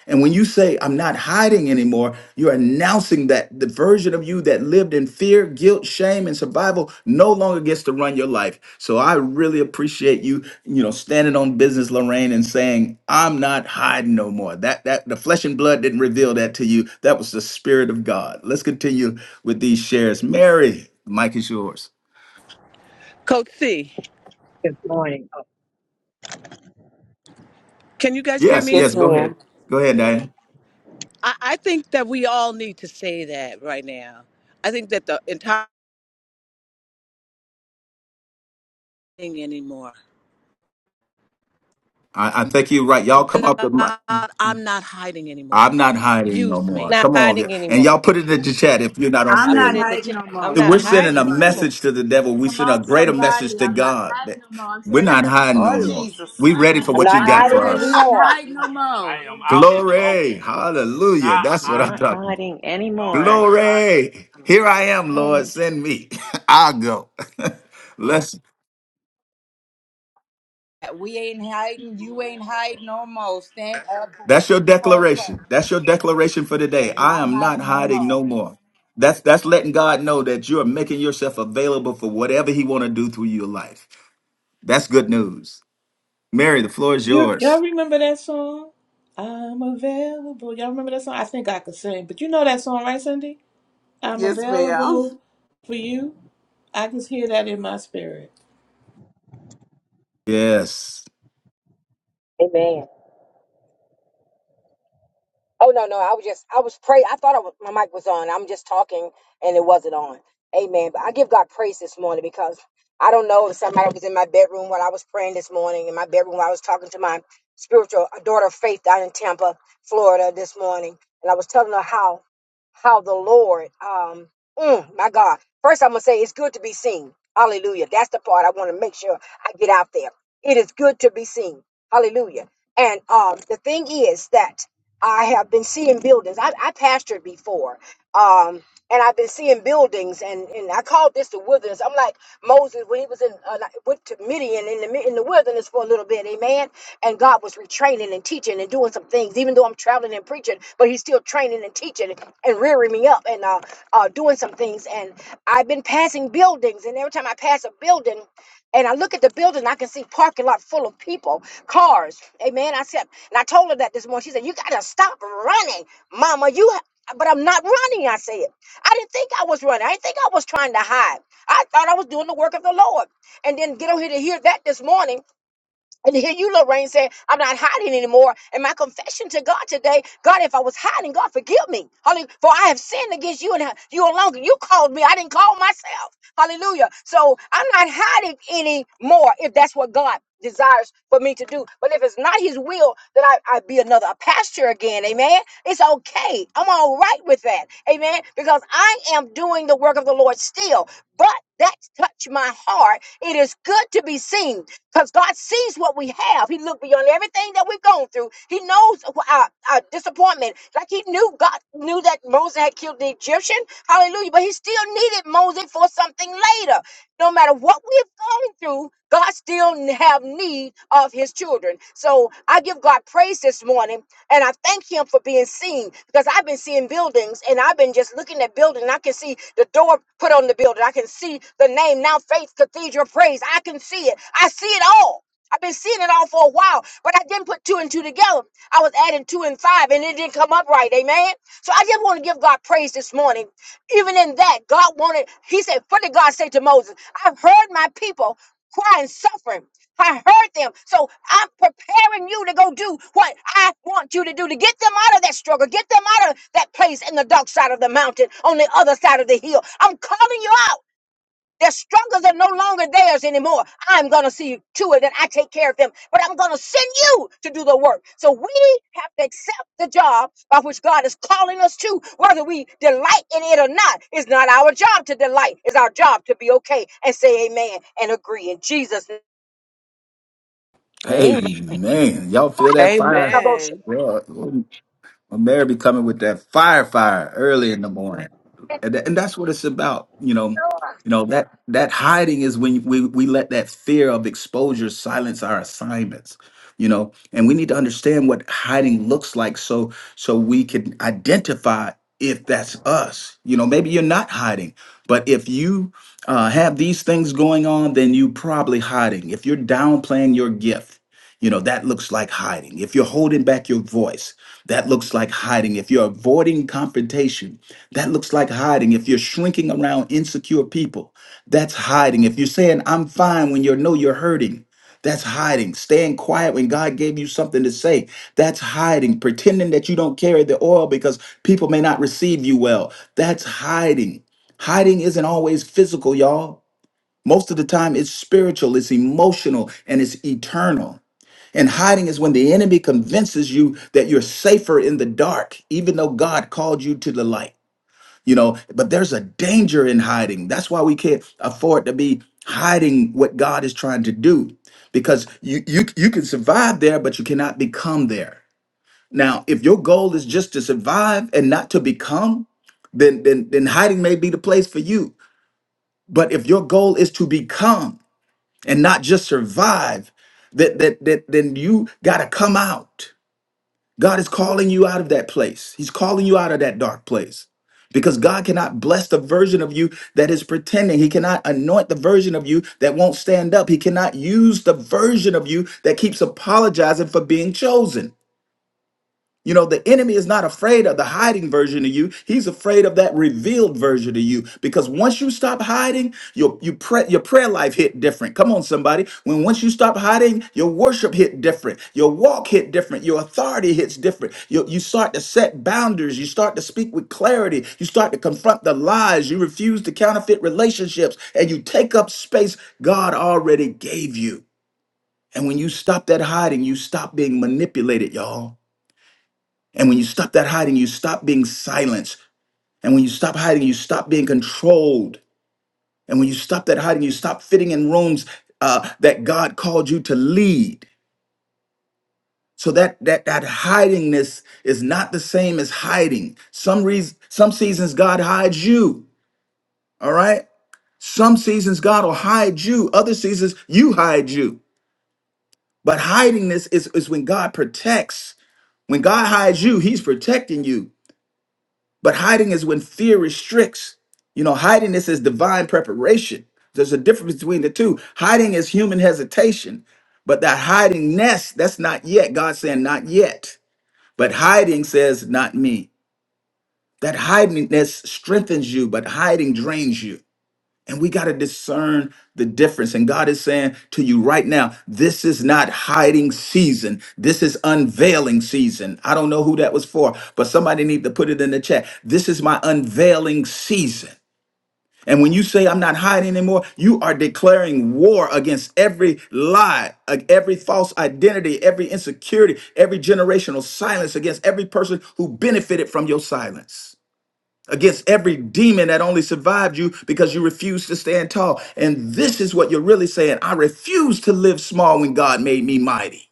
[SPEAKER 4] And when you say, I'm not hiding anymore, you're announcing that the version of you that lived in fear, guilt, shame, and survival no longer gets to run your life. So I really appreciate you, you know, standing on business, Lorraine, and saying, I'm not hiding no more. That that the flesh and blood didn't reveal that to you. That was the spirit of God. Let's continue with these shares. Mary, the mic is yours.
[SPEAKER 2] Coach C,
[SPEAKER 7] Good morning. Oh,
[SPEAKER 2] can you guys hear
[SPEAKER 4] Yes,
[SPEAKER 5] Yes,
[SPEAKER 2] me?
[SPEAKER 4] yes, go ahead.
[SPEAKER 5] ma'am.
[SPEAKER 4] Go ahead, Diane.
[SPEAKER 2] I, I think that we all need to say that right now. I think that the entire thing anymore.
[SPEAKER 4] I, I think you're right. Y'all come up.
[SPEAKER 2] God, I'm not hiding anymore.
[SPEAKER 4] I'm not hiding no
[SPEAKER 2] Use
[SPEAKER 4] more.
[SPEAKER 2] me.
[SPEAKER 3] Not
[SPEAKER 4] Come on.
[SPEAKER 3] hiding
[SPEAKER 4] And
[SPEAKER 3] anymore.
[SPEAKER 4] y'all put it in the chat if you're not on
[SPEAKER 3] I
[SPEAKER 8] I'm
[SPEAKER 3] put
[SPEAKER 8] not
[SPEAKER 4] stage.
[SPEAKER 3] it in the
[SPEAKER 8] hiding
[SPEAKER 3] chat.
[SPEAKER 8] no
[SPEAKER 3] I'm
[SPEAKER 8] more.
[SPEAKER 4] We're
[SPEAKER 3] not
[SPEAKER 8] Come on,
[SPEAKER 4] sending a
[SPEAKER 3] hiding
[SPEAKER 8] somebody.
[SPEAKER 3] anymore.
[SPEAKER 4] message to the devil. We
[SPEAKER 8] Come
[SPEAKER 4] send a
[SPEAKER 8] on,
[SPEAKER 4] greater
[SPEAKER 8] somebody.
[SPEAKER 4] message to
[SPEAKER 8] I'm not
[SPEAKER 4] God.
[SPEAKER 8] hiding
[SPEAKER 4] that
[SPEAKER 8] no more. I'm
[SPEAKER 4] We're
[SPEAKER 8] standing up
[SPEAKER 4] not
[SPEAKER 8] for
[SPEAKER 4] hiding
[SPEAKER 8] Auntie
[SPEAKER 4] no
[SPEAKER 5] Oh
[SPEAKER 8] too.
[SPEAKER 4] more.
[SPEAKER 5] Jesus.
[SPEAKER 4] We ready for
[SPEAKER 7] I'm
[SPEAKER 4] what you
[SPEAKER 7] not
[SPEAKER 8] Auntie
[SPEAKER 4] got for
[SPEAKER 7] hiding
[SPEAKER 8] Renee, we
[SPEAKER 4] us.
[SPEAKER 8] ain't
[SPEAKER 7] anymore.
[SPEAKER 8] hiding no more.
[SPEAKER 9] I am out in the open,
[SPEAKER 4] Glory. Hallelujah.
[SPEAKER 9] not
[SPEAKER 4] That's what I'm
[SPEAKER 6] not
[SPEAKER 9] hiding,
[SPEAKER 4] talking.
[SPEAKER 6] hiding
[SPEAKER 9] no
[SPEAKER 6] anymore
[SPEAKER 9] longer hiding.
[SPEAKER 4] Glory.
[SPEAKER 6] i'm
[SPEAKER 4] Here
[SPEAKER 6] not
[SPEAKER 4] I am, Lord.
[SPEAKER 6] hiding
[SPEAKER 4] Send me. I'll go. Let's
[SPEAKER 8] We ain't hiding. You ain't hiding no more. Stand up for what
[SPEAKER 4] That's your
[SPEAKER 8] you can call
[SPEAKER 4] declaration.
[SPEAKER 8] for.
[SPEAKER 4] That's your declaration for
[SPEAKER 8] I
[SPEAKER 4] today.
[SPEAKER 8] am
[SPEAKER 4] I
[SPEAKER 8] not
[SPEAKER 4] am not
[SPEAKER 8] hiding no
[SPEAKER 4] hiding
[SPEAKER 8] more.
[SPEAKER 4] no more. That's that's letting God know that you're making yourself available for whatever he want to do through your life. That's good news. Mary, the floor is
[SPEAKER 10] You y'all
[SPEAKER 4] yours.
[SPEAKER 10] remember that song? I'm available. Y'all remember that song? I think I could sing, but you know that song, right, Cindy? I'm
[SPEAKER 5] Yes, ma'am.
[SPEAKER 10] available for you. I just hear that in my spirit.
[SPEAKER 4] Yes.
[SPEAKER 7] Amen. Oh no, no, I was just I was pray. I thought I was, my mic was on. I'm just talking and it wasn't on. Amen. But I give God praise this morning because I don't know if somebody was in my bedroom while I was praying this morning in my bedroom while I was talking to my spiritual daughter of faith down in Tampa, Florida this morning, and I was telling her how how the Lord um mm, my God. First I'm going to say it's good to be seen. Hallelujah. That's the part I want to make sure I get out there. It is good to be seen. Hallelujah. And um the thing is that I have been seeing buildings. I, I pastored before. Um, and I've been seeing buildings and, and I called this the wilderness. I'm like Moses when he was in uh, like, went to Midian in the mi- in the wilderness for a little bit, amen. And God was retraining and teaching and doing some things, even though I'm traveling and preaching, but he's still training and teaching and rearing me up and uh, uh doing some things. And I've been passing buildings, and every time I pass a building, and I look at the building, I can see parking lot full of people, cars. Amen. I said, and I told her that this morning. She said, "You gotta stop running, Mama. You." ha-" But I'm not running. I said, I didn't think I was running. I didn't think I was trying to hide. I thought I was doing the work of the Lord. And then get over here to hear that this morning. And to hear you, Lorraine, say, I'm not hiding anymore. And my confession to God today, God, if I was hiding, God, forgive me. Hallelujah. For I have sinned against you and you alone. You called me. I didn't call myself. Hallelujah. So I'm not hiding anymore if that's what God desires for me to do. But if it's not his will, then I, I be another pasture again. Amen. It's okay. I'm all right with that. Amen. Because I am doing the work of the Lord still. But that touched my heart. It is good to be seen. Because God sees what we have. He looked beyond everything that we've gone through. He knows wh- our, our disappointment. Like he knew God knew that Moses had killed the Egyptian. Hallelujah. But he still needed Moses for something later. No matter what we've gone through, God still n- have need of his children. So I give God praise this morning and I thank him for being seen because I've been seeing buildings and I've been just looking at building. I can see the door put on the building. I can see the name now Faith Cathedral Praise. I can see it. I see it all. I've been seeing it all for a while, but I didn't put two and two together. I was adding two and five, and it didn't come up right. Amen. So I just want to give God praise this morning. Even in that, God wanted, He said, What did God say to Moses? I've heard my people cry and suffering. I heard them. So I'm preparing you to go do what I want you to do to get them out of that struggle, get them out of that place in the dark side of the mountain, on the other side of the hill. I'm calling you out. Their struggles are no longer theirs anymore. I'm going to see to it that I take care of them, but I'm going to send you to do the work. So we have to accept the job by which God is calling us to, whether we delight in it or not. It's not our job to delight, it's our job to be okay and say amen and agree in Jesus' name.
[SPEAKER 3] Amen.
[SPEAKER 4] Hey man, y'all feel that fire?
[SPEAKER 5] Amen.
[SPEAKER 4] Well, But Mary be coming with that fire, fire early in the morning, and, tha- and that's what it's about. You know, you know that that hiding is when we we let that fear of exposure silence our assignments. You know, and we need to understand what hiding looks like, so so we can identify if that's us. You know, maybe you're not hiding, but if you uh, have these things going on, then you probably hiding. If you're downplaying your gift, you know that looks like hiding. If you're holding back your voice that looks like hiding. If you're avoiding confrontation, that looks like hiding. If you're shrinking around insecure people, that's hiding. If you're saying, I'm fine when you know you're hurting, that's hiding. Staying quiet when God gave you something to say, that's hiding. Pretending that you don't carry the oil because people may not receive you well, that's hiding. Hiding isn't always physical, y'all. Most of the time, it's spiritual, it's emotional, and it's eternal. And hiding is when the enemy convinces you that you're safer in the dark, even though God called you to the light. You know, but there's a danger in hiding. That's why we can't afford to be hiding what God is trying to do. Because you you you can survive there, but you cannot become there. Now, if your goal is just to survive and not to become, then then then hiding may be the place for you. But if your goal is to become and not just survive, that that, that then you gotta come out God is calling you out of that place. He's calling you out of that dark place because God cannot bless the version of you that is pretending. He cannot anoint the version of you that won't stand up. He cannot use the version of you that keeps apologizing for being chosen. You know, the enemy is not afraid of the hiding version of you. He's afraid of that revealed version of you. Because once you stop hiding, your you pray, your prayer life hit different. Come on, somebody. When once you stop hiding, your worship hit different. Your walk hit different. Your authority hits different. You, you start to set boundaries. You start to speak with clarity. You start to confront the lies. You refuse to counterfeit relationships. And you take up space God already gave you. And when you stop that hiding, you stop being manipulated, y'all. And when you stop that hiding, you stop being silenced. And when you stop hiding, you stop being controlled. And when you stop that hiding, you stop fitting in rooms uh, that God called you to lead. So that that that hidingness is not the same as hiding. Some reason, some seasons God hides you. All right. Some seasons God will hide you. Other seasons you hide you. But hidingness is is when God protects. When God hides you, He's protecting you. But hiding is when fear restricts. You know, hiding this is divine preparation. There's a difference between the two. Hiding is human hesitation, but that hiding nest, that's not yet. God's saying, not yet. But hiding says, not me. That hidingness strengthens you, but hiding drains you. And we got to discern the difference. And God is saying to you right now, this is not hiding season. This is unveiling season. I don't know who that was for, but somebody need to put it in the chat. This is my unveiling season. And when you say I'm not hiding anymore, you are declaring war against every lie, uh, every false identity, every insecurity, every generational silence against every person who benefited from your silence against every demon that only survived you because you refused to stand tall. And this is what you're really saying I refuse to live small when God made me mighty.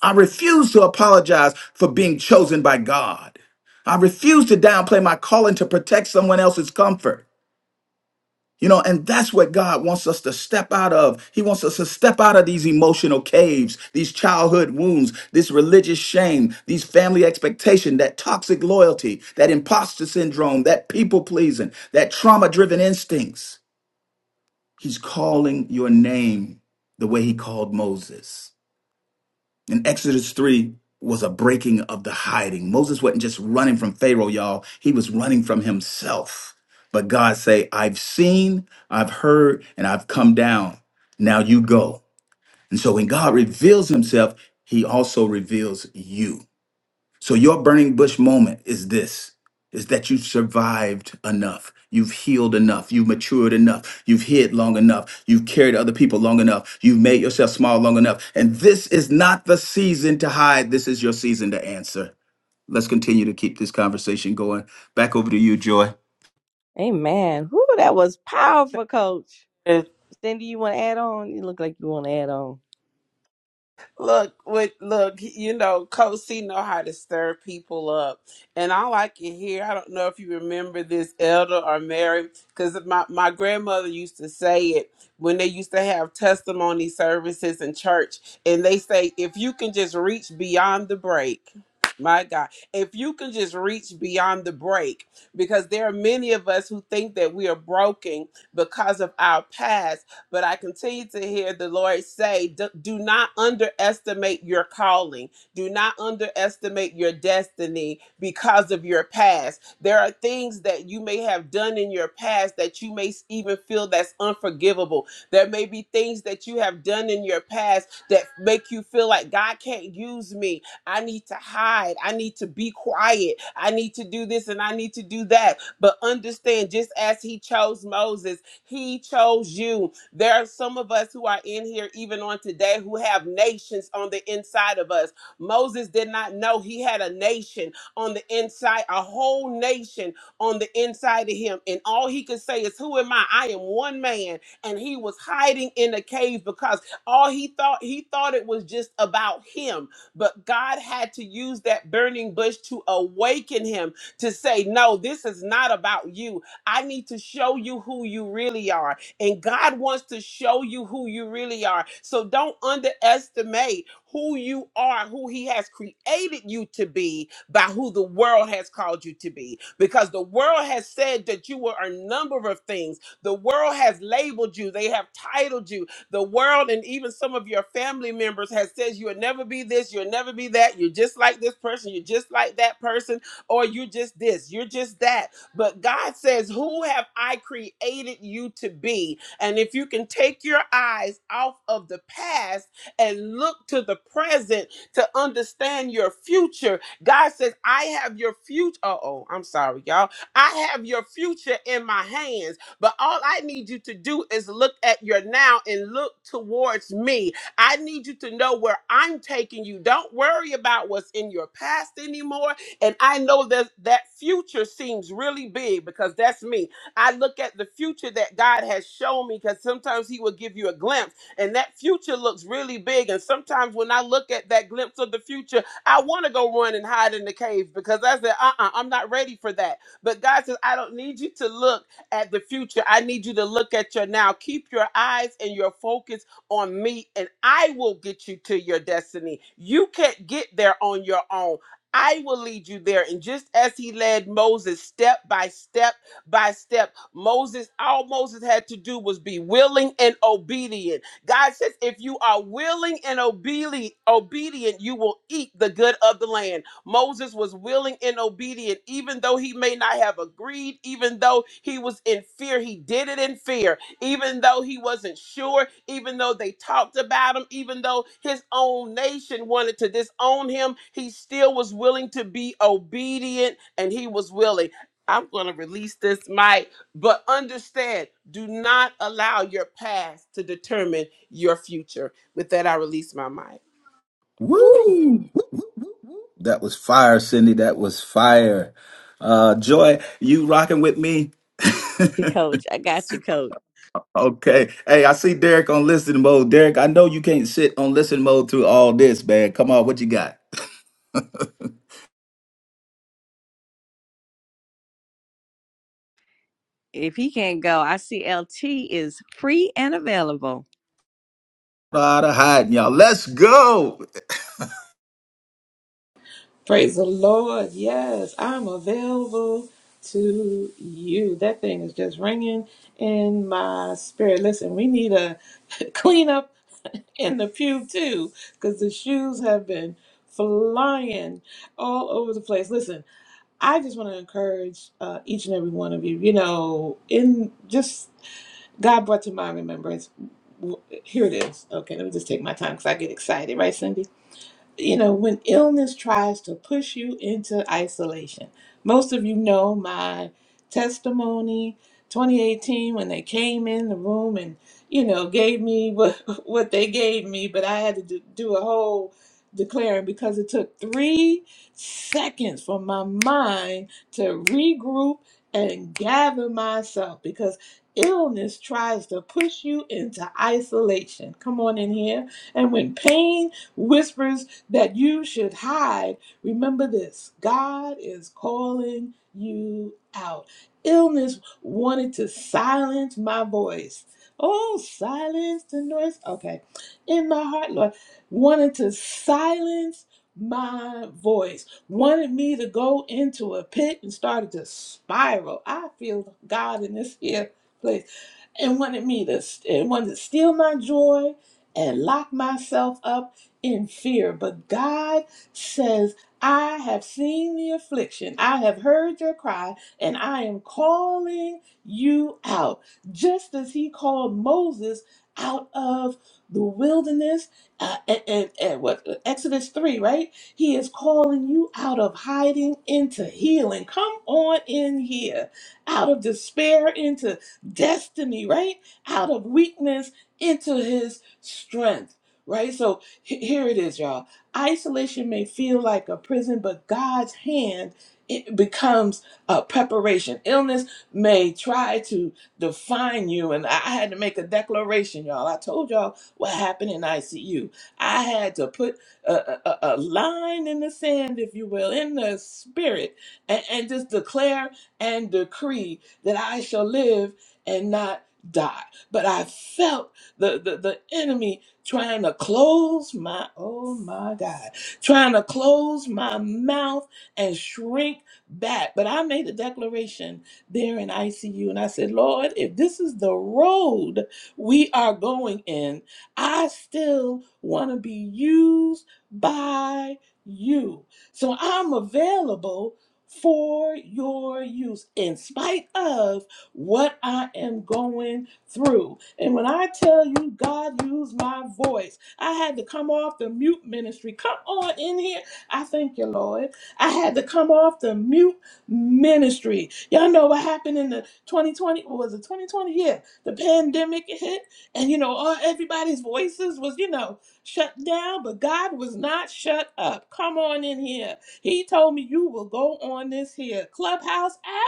[SPEAKER 4] I refuse to apologize for being chosen by God. I refuse to downplay my calling to protect someone else's comfort. You know, and that's what God wants us to step out of. He wants us to step out of these emotional caves, these childhood wounds, this religious shame, these family expectation, that toxic loyalty, that imposter syndrome, that people pleasing, that trauma driven instincts. He's calling your name the way he called Moses. And Exodus 3 was a breaking of the hiding. Moses wasn't just running from Pharaoh, y'all. He was running from himself. But God say, I've seen, I've heard, and I've come down. Now you go. And so when God reveals himself, he also reveals you. So your burning bush moment is this is that you have survived enough. You've healed enough. You've matured enough. You've hid long enough. You've carried other people long enough. You've made yourself small long enough. And this is not the season to hide. This is your season to answer. Let's continue to keep this conversation going. Back over to you, Joy.
[SPEAKER 3] Amen. Whoo, that was powerful, coach. Cindy, you want to add on? You look like you want to add on.
[SPEAKER 5] Look, with look, you know, Coach C know how to stir people up, and all I can hear. I don't know if you remember this, Elder or Mary, because my my grandmother used to say it when they used to have testimony services in church, and they say if you can just reach beyond the break. My God, if you can just reach beyond the break, because there are many of us who think that we are broken because of our past but I continue to hear the Lord say, "Do do not underestimate your calling. Do not underestimate your destiny because of your past. There are things that you may have done in your past that you may even feel that's unforgivable. There may be things that you have done in your past that make you feel like God can't use me. I need to hide. I need to be quiet. I need to do this and I need to do that. But understand, just as He chose Moses, He chose you there are some of us who are in here, even on today, who have nations on the inside of us. Moses did not know he had a nation on the inside, a whole nation on the inside of him. And all he could say is, Who am I? I am one man. And he was hiding in a cave because all he thought, he thought it was just about him. But God had to use that burning bush to awaken him to say, No, this is not about you. I need to show you who you really are and God wants to show you who you really are. So don't underestimate who you are, who He has created you to be by who the world has called you to be. Because the world has said that you were a number of things. The world has labeled you, they have titled you. The world and even some of your family members has said you'll never be this, you'll never be that, you're just like this person, you're just like that person, or you're just this, you're just that but God says, Who have I created you to be? And if you can take your eyes off of the past and look to the present to understand your future, God says, I have your future. Uh oh, I'm sorry, y'all. I have your future in my hands. But all I need you to do is look at your now and look towards me. I need you to know where I'm taking you. Don't worry about what's in your past anymore. And I know that that future seems really big because that's me. I look at the future that God has shown me because sometimes He will give you a glimpse, and that future looks really big. And sometimes when I look at that glimpse of the future, I want to go run and hide in the cave because I said, uh uh, I'm not ready for that. But God says, I don't need you to look at the future. I need you to look at your now. Keep your eyes and your focus on me, and I will get you to your destiny. You can't get there on your own. I will lead you there. And just as he led Moses step by step by step, Moses, all Moses had to do was be willing and obedient. God says, if you are willing and obedient, obedient, you will eat the good of the land. Moses was willing and obedient, even though he may not have agreed, even though he was in fear, he did it in fear even though he wasn't sure, even though they talked about him, even though his own nation wanted to disown him, he still was willing to be obedient and he was willing. I'm going to release this mic, but understand do not allow your past to determine your future. With that, I release my mic.
[SPEAKER 3] Woo.
[SPEAKER 4] Woo! That was fire, Cindy. That was fire. Uh, Joy, you rocking with me?
[SPEAKER 3] You coach, I got you, coach.
[SPEAKER 4] Okay. Hey, I see Derek on listen mode. Derek, I know you can't sit on listen mode through all this, man. Come on, what you got?
[SPEAKER 3] If he can't go, I see LT is free and available.
[SPEAKER 4] Out of hiding, y'all. Let's go.
[SPEAKER 10] Praise the Lord. Yes, I'm available to you. That thing is just ringing in my spirit. Listen, we need a clean up in the pew too, because the shoes have been flying all over the place. Listen. I just want to encourage uh, each and every one of you. You know, in just God brought to my remembrance. w- Here it is. Okay, let me just take my time because I get excited, right, Cindy? you know, when illness tries to push you into isolation. Most of you know my testimony 2018 when they came in the room and, you know, gave me what, what they gave me, but I had to do, do a whole declaring because it took three seconds for my mind to regroup and gather myself because illness tries to push you into isolation. Come on in here. And when pain, whispers that you should hide. Remember this God is calling you out. Illness wanted to silence my voice. Oh, silence the noise. Okay. In my heart, Lord, wanted to silence my voice, wanted me to go into a pit and started to spiral. I feel God in this here place and wanted me to and wanted to steal my joy and lock myself up in fear. But God says, I have seen the affliction, I have heard your cry, and I am calling you out. Just as he called Moses out of the wilderness uh, and, and, and what Exodus 3, right? He is calling you out of hiding into healing. Come on in here. Out of despair into destiny, right? Out of weakness into his strength, right? So H- Here it is, y'all. Isolation may feel like a prison, but God's hand it becomes a preparation. Illness may try to define you, and I I had to make a declaration, y'all. I told y'all what happened in ICU. I had to put a, a, a a line in the sand, if you will, in the spirit, and, and just declare and decree that I shall live and not die. But I felt the, the, the enemy trying to close my oh my god trying to close my mouth and shrink back but i made a declaration there in icu and i said lord if this is the road we are going in i still want to be used by you so i'm available for your use in spite of what I am going through. And when I tell you God used my voice, I had to come off the mute ministry. Come on in here. I thank you, Lord. I had to come off the mute ministry. Y'all know what happened in the 2020, what was it 2020? Yeah, the pandemic hit, and you know, all everybody's voices was, you know, shut down, but God was not shut up. Come on in here. He told me you will go on this here clubhouse app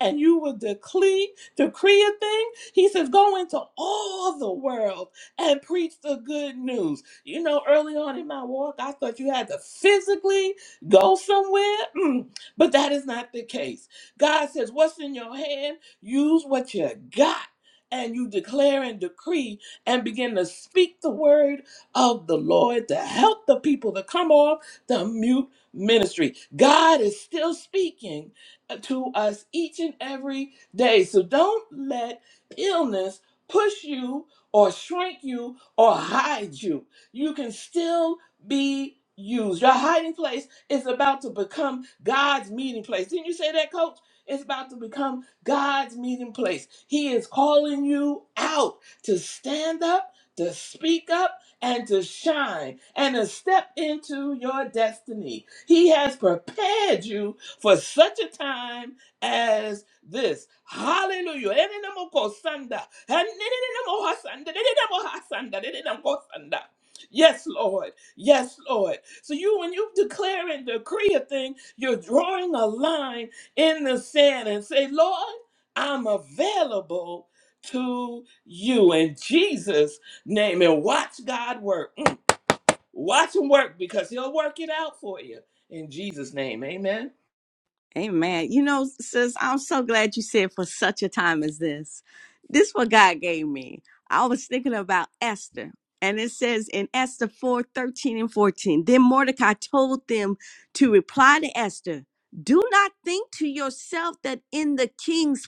[SPEAKER 10] and you will decree, decree a thing. He says, go into all the world and preach the good news. You know, early on in my walk, I thought you had to physically go somewhere, Mm, but that is not the case. God says, what's in your hand? Use what you got. And you declare and decree and begin to speak the word of the Lord to help the people to come off the mute ministry. God is still speaking to us each and every day. So don't let illness push you or shrink you or hide you. You can still be used. Your hiding place is about to become God's meeting place. Didn't you say that, coach? It's about to become God's meeting place. He is calling you out to stand up, to speak up, and to shine, and to step into your destiny. He has prepared you for such a time as this. Hallelujah. Enenemokosanda. Hanenenemohasanda. Denenemohasanda. Denenemokosanda. Yes, Lord. Yes, Lord. So you, when you declare and decree a thing, you're drawing a line in the sand and say, Lord, I'm available to you in Jesus' name. And watch God work. Mm. Watch him work because he'll work it out for you in Jesus' name. Amen.
[SPEAKER 3] Amen. You know, sis, I'm so glad you said for such a time as this. This what God gave me. I was thinking about Esther. And it says in Esther 4 13 and 14, then Mordecai told them to reply to Esther, do not think to yourself that in the king's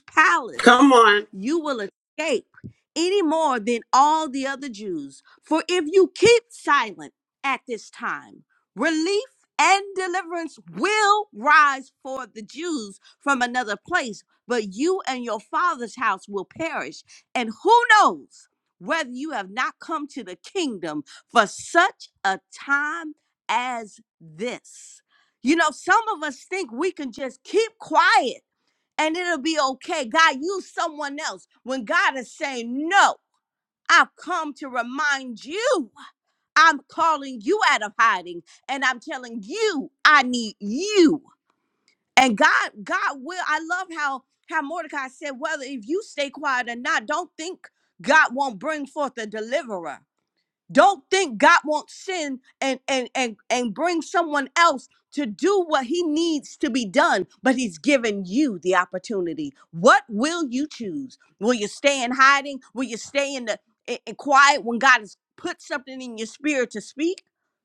[SPEAKER 5] Come
[SPEAKER 3] palace
[SPEAKER 5] on.
[SPEAKER 3] you will escape any more than all the other Jews. For if you keep silent at this time, relief and deliverance will rise for the Jews from another place, but you and your father's house will perish. And who knows whether you have not come to the kingdom for such a time as this? You know, some of us think we can just keep quiet and it'll be okay. God, use someone else. When God is saying, No, I've come to remind you I'm calling you out of hiding and I'm telling you I need you. And God, God will. I love how how Mordecai said, whether if you stay quiet or not, don't think God won't bring forth a deliverer. Don't think God won't sin and and and and bring someone else to do what he needs to be done, but he's given you the opportunity. What will you choose? Will you stay in hiding? Will you stay in the in, in quiet when God has put something in your spirit to speak?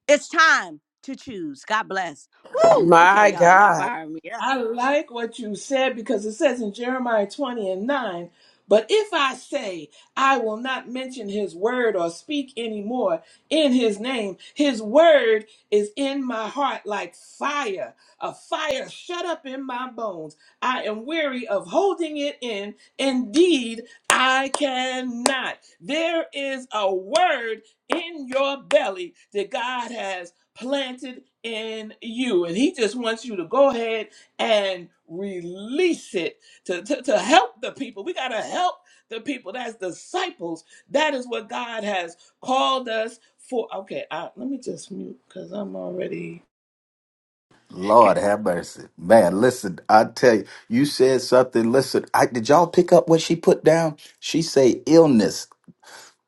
[SPEAKER 3] It's time to choose. God bless. Woo! Okay,
[SPEAKER 5] My
[SPEAKER 3] y'all, y'all
[SPEAKER 5] God.
[SPEAKER 3] firing me up.
[SPEAKER 10] I like what you said because it says in Jeremiah 20 and 9, but if I say I will not mention his word or speak anymore in his name, his word is in my heart like fire, a fire shut up in my bones. I am weary of holding it in. Indeed, I cannot. There is a word in your belly that God has planted in you, and he just wants you to go ahead and release it to, to, to help the people. We got to help the people. That's disciples. That is what God has called us for. Okay, I, let me just mute because I'm already.
[SPEAKER 4] Lord have mercy. Man, listen, I tell you, you said something. Listen, I did y'all pick up what she put down? She say illness.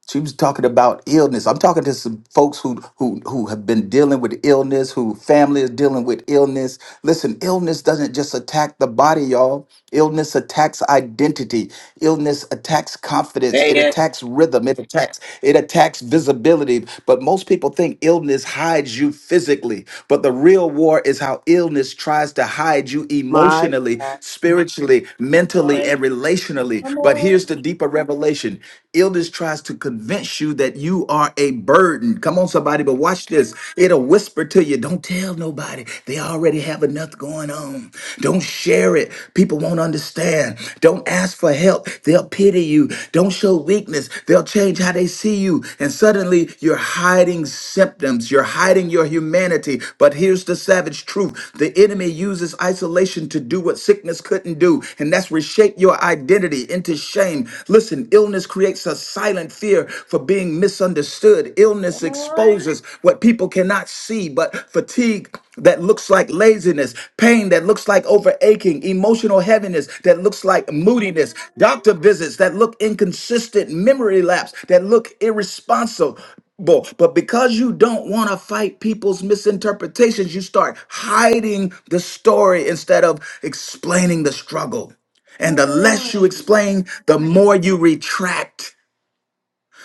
[SPEAKER 4] She was talking about illness. I'm talking to some folks who who who have been dealing with illness, who family is dealing with illness. Listen, illness doesn't just attack the body, y'all. Illness attacks identity. Illness attacks confidence.
[SPEAKER 10] Say
[SPEAKER 4] It
[SPEAKER 10] it.
[SPEAKER 4] attacks rhythm. It attacks it attacks visibility. But most people think illness hides you physically, but the real war is how illness tries to hide you
[SPEAKER 5] My
[SPEAKER 4] emotionally,
[SPEAKER 5] God.
[SPEAKER 4] spiritually,
[SPEAKER 10] Come
[SPEAKER 4] mentally,
[SPEAKER 10] on.
[SPEAKER 4] and relationally.
[SPEAKER 10] Come
[SPEAKER 4] But
[SPEAKER 10] on.
[SPEAKER 4] here's the deeper revelation. Illness tries to convince you that you are a burden. Come on, somebody, but watch this. It'll whisper to you, don't tell nobody. They already have enough going on. Don't share it. People won't understand. Don't ask for help. They'll pity you. Don't show weakness. They'll change how they see you. And suddenly you're hiding symptoms. You're hiding your humanity. But here's the savage truth the enemy uses isolation to do what sickness couldn't do, and that's reshape your identity into into shame. Listen, illness creates a silent fear for being misunderstood. Illness
[SPEAKER 10] Come on.
[SPEAKER 4] exposes what people cannot see, but fatigue that looks like laziness, pain that looks like overaching, emotional heaviness that looks like moodiness, doctor visits that look inconsistent, memory lapse that look irresponsible. But because you don't want to fight people's misinterpretations, you start hiding the story instead of explaining the struggle. And the
[SPEAKER 10] Come
[SPEAKER 4] less you
[SPEAKER 10] on.
[SPEAKER 4] explain, the more you retract.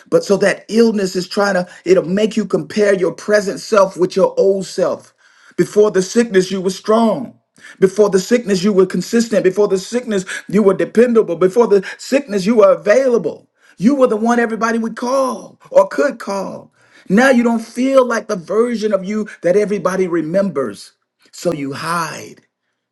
[SPEAKER 4] But so that illness is trying to, it'll make you compare your present self with your old self. Before the sickness, you were strong. Before the sickness, you were consistent. Before the sickness, you were dependable. Before the sickness, you were available. You were the one everybody would call or could call. Now you don't feel like the version of you that everybody remembers. So you hide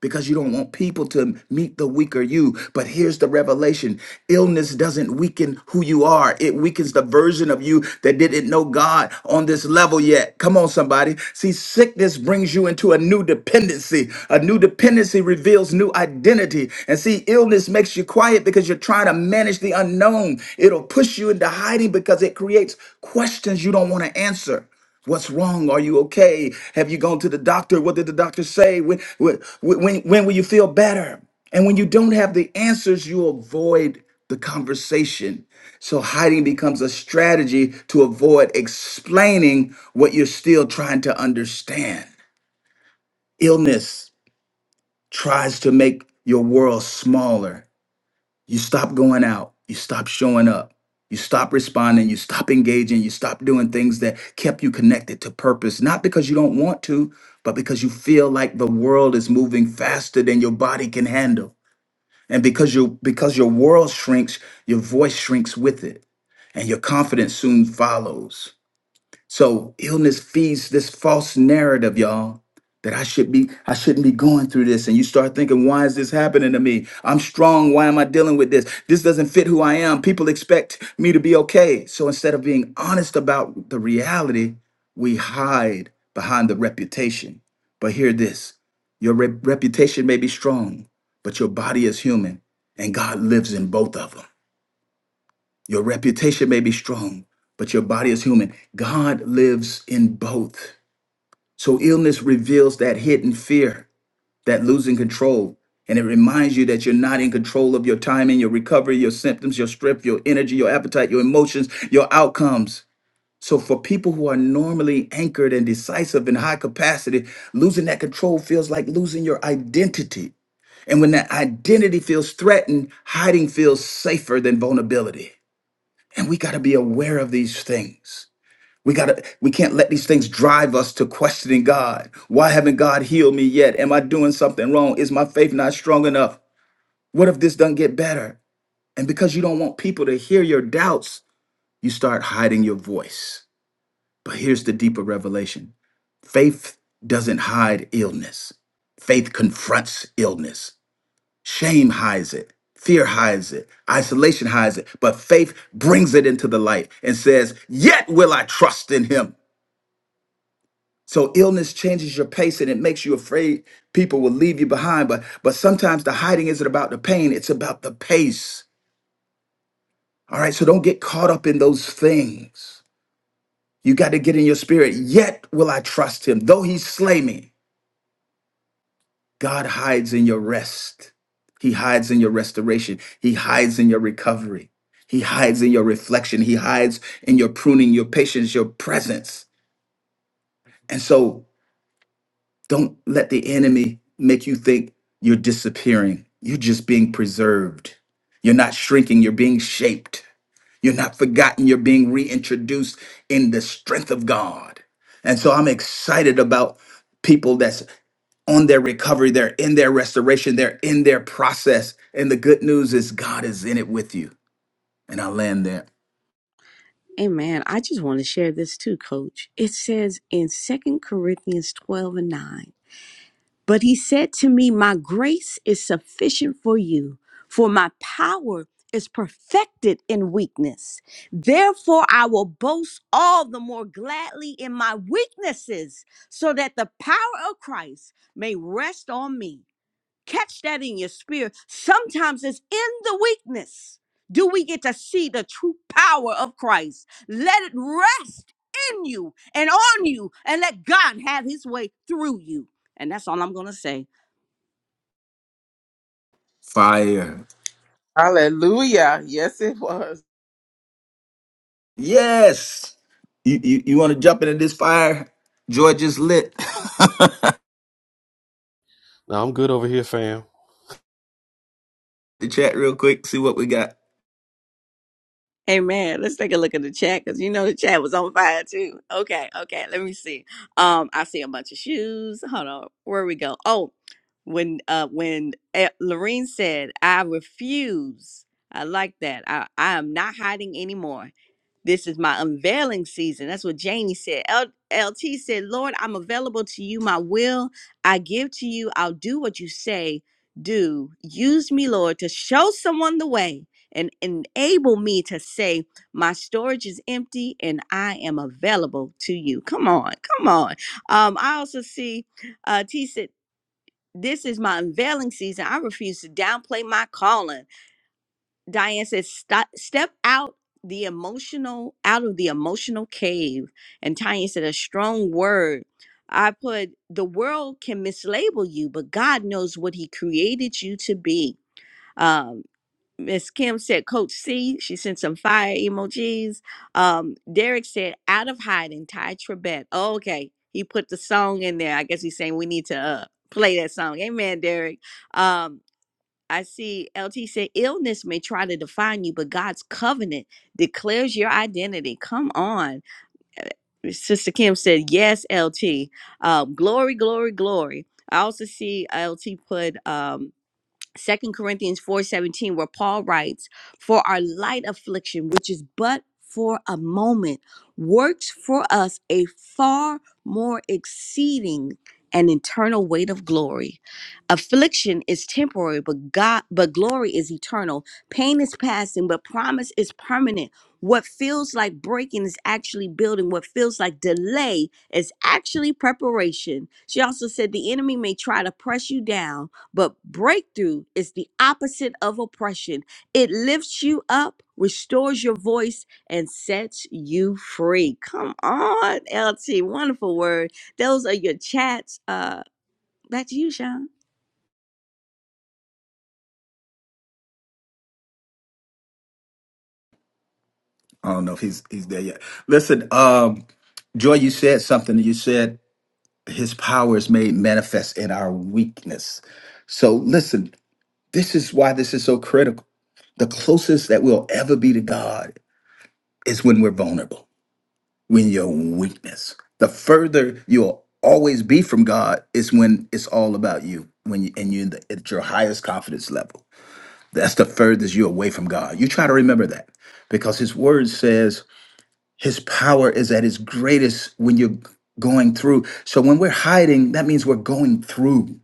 [SPEAKER 4] because you don't want people to meet the weaker you. But here's the revelation illness doesn't weaken who you are, it weakens the version of you that didn't know God on this level yet. Come on, somebody. See, sickness brings you into a new dependency. A new dependency reveals new identity. And see, illness makes you quiet because you're trying to manage the unknown. It'll push you into hiding because it creates questions you don't want to answer. What's wrong? Are you okay? Have you gone to the doctor? What did the doctor say? When, when, when, when will you feel better? And when you don't have the answers, you avoid the conversation. So hiding becomes a strategy to avoid explaining what you're still trying to understand. Illness tries to make your world smaller you stop going out. You stop showing up. You stop responding. You stop engaging. You stop doing things that kept you connected to purpose, not because you don't want to, but because you feel like the world is moving faster than your body can handle. And because you because your world shrinks, your voice shrinks with it, and your confidence soon follows. So illness feeds this false narrative, y'all, that I should be I shouldn't be going through this. And you start thinking, why is this happening to me? I'm strong. Why am I dealing with this? This doesn't fit who I am. People expect me to be okay. So instead of being honest about the reality, we hide behind the reputation. But hear this. Your rep- reputation may be strong, but your body is human, and God lives in both of them. Your reputation may be strong, but your body is human. God lives in both. So illness reveals that hidden fear, that losing control. And it reminds you that you're not in control of your timing, your recovery, your symptoms, your strength, your energy, your appetite, your emotions, your outcomes. So, for people who are normally anchored and decisive in high capacity, losing that control feels like losing your identity. And when that identity feels threatened, hiding feels safer than vulnerability. And we got to be aware of these things. We got to we can't let these things drive us to questioning God. Why haven't God healed me yet? Am I doing something wrong? Is my faith not strong enough? What if this doesn't get better? And because you don't want people to hear your doubts, you start hiding your voice. But here's the deeper revelation. Faith doesn't hide illness. Faith confronts illness. Shame hides it. Fear hides it. Isolation hides it. But faith brings it into the light and says, Yet will I trust in him. So illness changes your pace and it makes you afraid people will leave you behind. But but sometimes the hiding isn't about the pain, it's about the pace. All right. So don't get caught up in those things. You got to get in your spirit. Yet will I trust him, though he slay me. God hides in your rest. He hides in your restoration. He hides in your recovery. He hides in your reflection. He hides in your pruning, your patience, your presence. And so don't let the enemy make you think you're disappearing. You're just being preserved. You're not shrinking. You're being shaped. You're not forgotten. You're being reintroduced in the strength of God. And so I'm excited about people that's on their recovery, they're in their restoration, they're in their process. And the good news is God is in it with you. And I land there.
[SPEAKER 3] Amen. I just want to share this too, coach. It says in Second Corinthians 12 and 9. But he said to me, My grace is sufficient for you, for my power is perfected in weakness. Therefore, I will boast all the more gladly in my weaknesses, so that the power of Christ may rest on me. Catch that in your spirit. Sometimes it's in the weakness. Do we get to see the true power of Christ? Let it rest in you and on you, and let God have his way through you. And that's all I'm going to say.
[SPEAKER 4] Fire.
[SPEAKER 5] Hallelujah. Yes, it was.
[SPEAKER 4] Yes. You you, you want to jump into this fire? George is lit.
[SPEAKER 1] Now I'm good over here, fam.
[SPEAKER 4] the chat real quick, see what we got.
[SPEAKER 3] Amen. Let's take a look at the chat because you know the chat was on fire too. Okay, okay. Let me see. Um, I see a bunch of shoes. Hold on. Where we go? Oh, when uh when eh, Lorene said, "I refuse." I like that. I I am not hiding anymore. This is my unveiling season. That's what Janie said. L- LT said, Lord, I'm available to you. My will I give to you. I'll do what you say, do. Use me, Lord, to show someone the way and enable me to say, My storage is empty and I am available to you. Come on, come on. Um, I also see uh, T said, This is my unveiling season. I refuse to downplay my calling. Diane says, "Stop, step out the emotional, out of the emotional cave." And Tanya said, "A strong word." I put, "The world can mislabel you, but God knows what He created you to be." Um, Miss Kim said, "Coach C." She sent some fire emojis. Um, Derek said, "Out of hiding, Ty Trebet." Oh, okay, he put the song in there. I guess he's saying we need to uh, play that song. Amen, Derek. Um, I see LT said illness may try to define you, but God's covenant declares your identity. Come on. Sister Kim said, Yes, LT. Um, glory, glory, glory. I also see LT put um, Second Corinthians 4:17 where Paul writes, "For our light affliction, which is but for a moment, works for us a far more exceeding and eternal weight of glory. Affliction is temporary, but God but glory is eternal. Pain is passing, but promise is permanent. What feels like breaking is actually building. What feels like delay is actually preparation. She also said the enemy may try to press you down, but breakthrough is the opposite of oppression. It lifts you up, restores your voice, and sets you free. Come on, LT. Wonderful word. Those are your chats. Uh, back to you, Sean.
[SPEAKER 4] I don't know if he's he's there yet. Listen, um, Joy, you said something. You said his power is made manifest in our weakness. So listen, this is why this is so critical. The closest that we'll ever be to God is when we're vulnerable, when your weakness. The further you'll always be from God is when it's all about you, when you, and you in the- at your highest confidence level. That's the furthest you're away from God. You try to remember that because His Word says His power is at its greatest when you're going through. So when we're hiding, that means we're going through.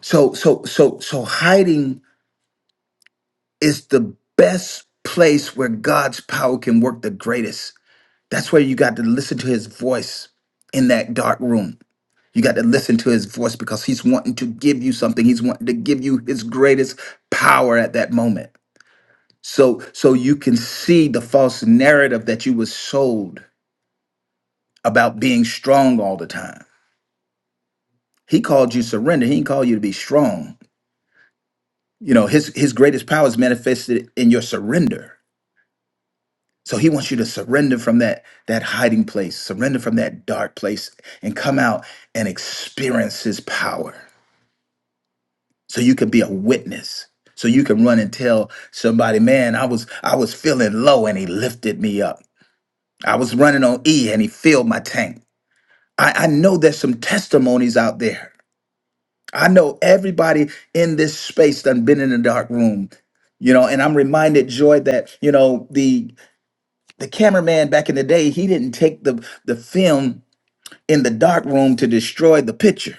[SPEAKER 4] So so so so hiding is the best place where God's power can work the greatest That's where you got to listen to his voice in that dark room. You got to listen to his voice because he's wanting to give you something. He's wanting to give you his greatest power at that moment. So so you can see the false narrative that you was sold about being strong all the time. He called you surrender. He didn't call you to be strong. You know, his his greatest power is manifested in your surrender. So he wants you to surrender from that that hiding place, surrender from that dark place and come out and experience his power. So you can be a witness. So you can run and tell somebody, "Man, I was I was feeling low and he lifted me up. I was running on E and he filled my tank." I, I know there's some testimonies out there. I know everybody in this space done been in a dark room you know and i'm reminded joy that you know the the cameraman back in the day he didn't take the the film in the dark room to destroy the picture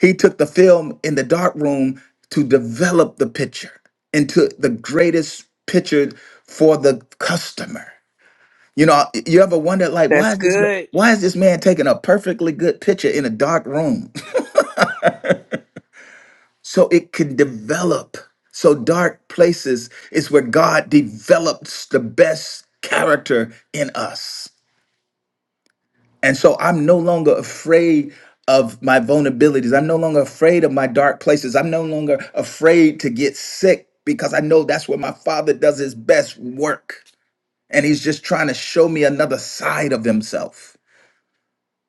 [SPEAKER 4] he took the film in the dark room to develop the picture into the greatest picture for the customer you know you ever wonder like why
[SPEAKER 5] That's
[SPEAKER 4] is this man
[SPEAKER 5] good.
[SPEAKER 4] why is this man taking a perfectly good picture in a dark room so it can develop so dark places is where god develops the best character in us And so I'm no longer afraid of my vulnerabilities. I'm no longer afraid of my dark places. I'm no longer afraid to get sick because I know that's where my father does his best work. And he's just trying to show me another side of himself.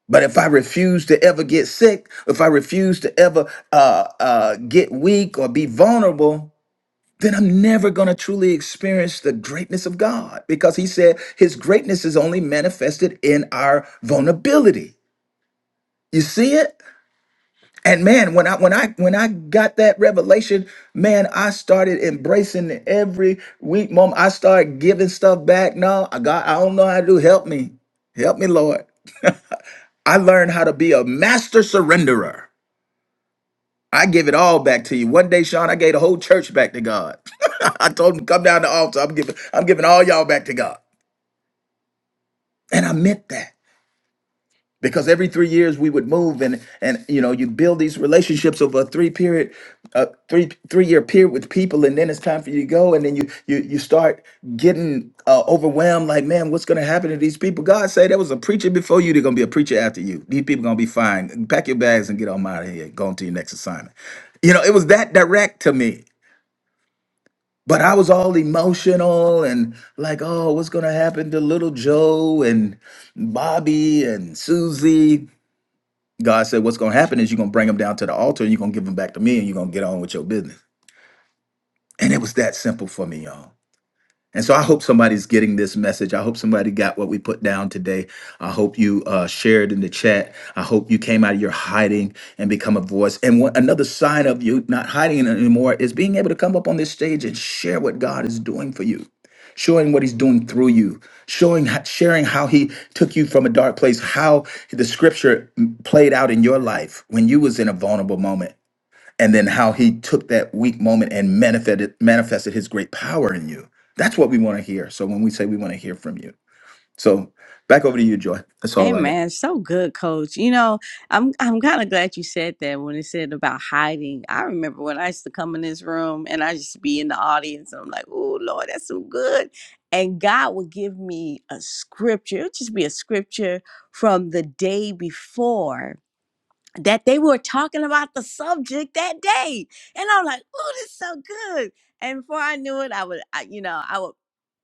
[SPEAKER 4] But if I refuse to ever get sick, if I refuse to ever uh, uh, get weak or be vulnerable, then I'm never going to truly experience the greatness of God because he said his greatness is only manifested in our vulnerability. You see it? And man, when I when I when I got that revelation, man, I started embracing it every week, mom. I started giving stuff back. No, I got I don't know how to do. Help me. Help me, Lord. I learned how to be a master surrenderer. I give it all back to you. One day, Sean, I gave the whole church back to God. I told him, come down the altar. I'm giving, I'm giving all y'all back to God. And I meant that. because every three years we would move and and you know you build these relationships over a three period a three three year period with people and then it's time for you to go and then you you you start getting uh, overwhelmed like man what's going to happen to these people god say there was a preacher before you they're going to be a preacher after you these people going to be fine pack your bags and get on out of here go on to your next assignment you know it was that direct to me but i was all emotional and like oh what's going to happen to little joe and bobby and susie God said, What's going to happen is you're going to bring them down to the altar and you're going to give them back to me and you're going to get on with your business. And it was that simple for me, y'all. And so I hope somebody's getting this message. I hope somebody got what we put down today. I hope you uh, shared in the chat. I hope you came out of your hiding and become a voice. And one, another sign of you not hiding anymore is being able to come up on this stage and share what God is doing for you. Showing what he's doing through you, showing, ho- sharing how he took you from a dark place, how the scripture m- played out in your life when you was in a vulnerable moment, and then how he took that weak moment and manifested manifested his great power in you. That's what we want to hear. So when we say we want to hear from you. So back over to you, Joy. That's all I got.
[SPEAKER 3] Amen. So good, coach. You know, I'm I'm kind of glad you said that when it said about hiding. I remember when I used to come in this room and I used to be in the audience. I'm like, oh Lord, that's so good. And God would give me a scripture. It would just be a scripture from the day before that they were talking about the subject that day. And I'm like, oh, this is so good. And before I knew it, I would, I, you know, I would,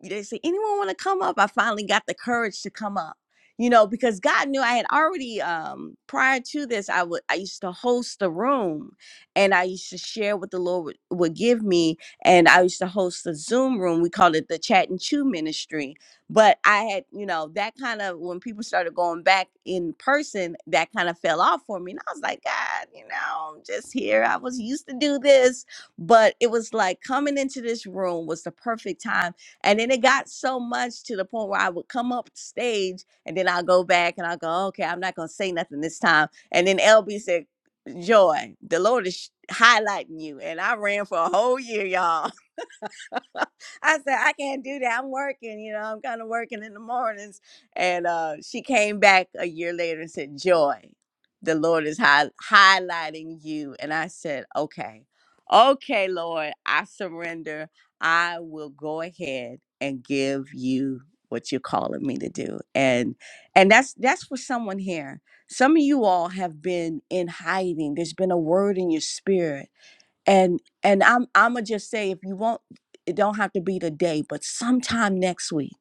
[SPEAKER 3] they say, anyone want to come up? I finally got the courage to come up, you know, because God knew I had already, um, prior to this, I would, I used to host the room and I used to share what the Lord would, would give me. And I used to host the Zoom room. We called it the Chat and Chew Ministry but I had, you know, that kind of when people started going back in person, that kind of fell off for me. And I was like, God, you know, I'm just here. I was used to do this. But it was like coming into this room was the perfect time. And then it got so much to the point where I would come up stage and then I'll go back and I'll go, okay, I'm not going to say nothing this time. And then LB said, Joy, the Lord is sh- highlighting you. And I ran for a whole year, y'all. I said, I can't do that. I'm working, you know, I'm kind of working in the mornings. And uh, she came back a year later and said, Joy, the Lord is high- highlighting you. And I said, Okay, okay, Lord, I surrender. I will go ahead and give you what you're calling me to do. And and that's that's for someone here. Some of you all have been in hiding. There's been a word in your spirit and and i'm i'ma just say if you want it don't have to be today but sometime next week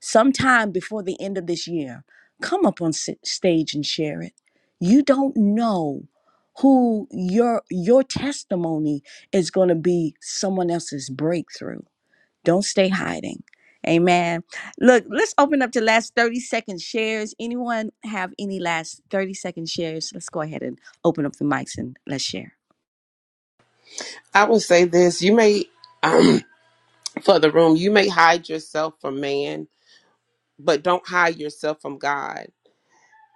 [SPEAKER 3] sometime before the end of this year come up on s- stage and share it you don't know who your your testimony is going to be someone else's breakthrough don't stay hiding amen look let's open up to last 30 second shares anyone have any last 30 second shares let's go ahead and open up the mics and let's share
[SPEAKER 5] I will say this. You may. for the room. You may hide yourself from man, but don't hide yourself from God.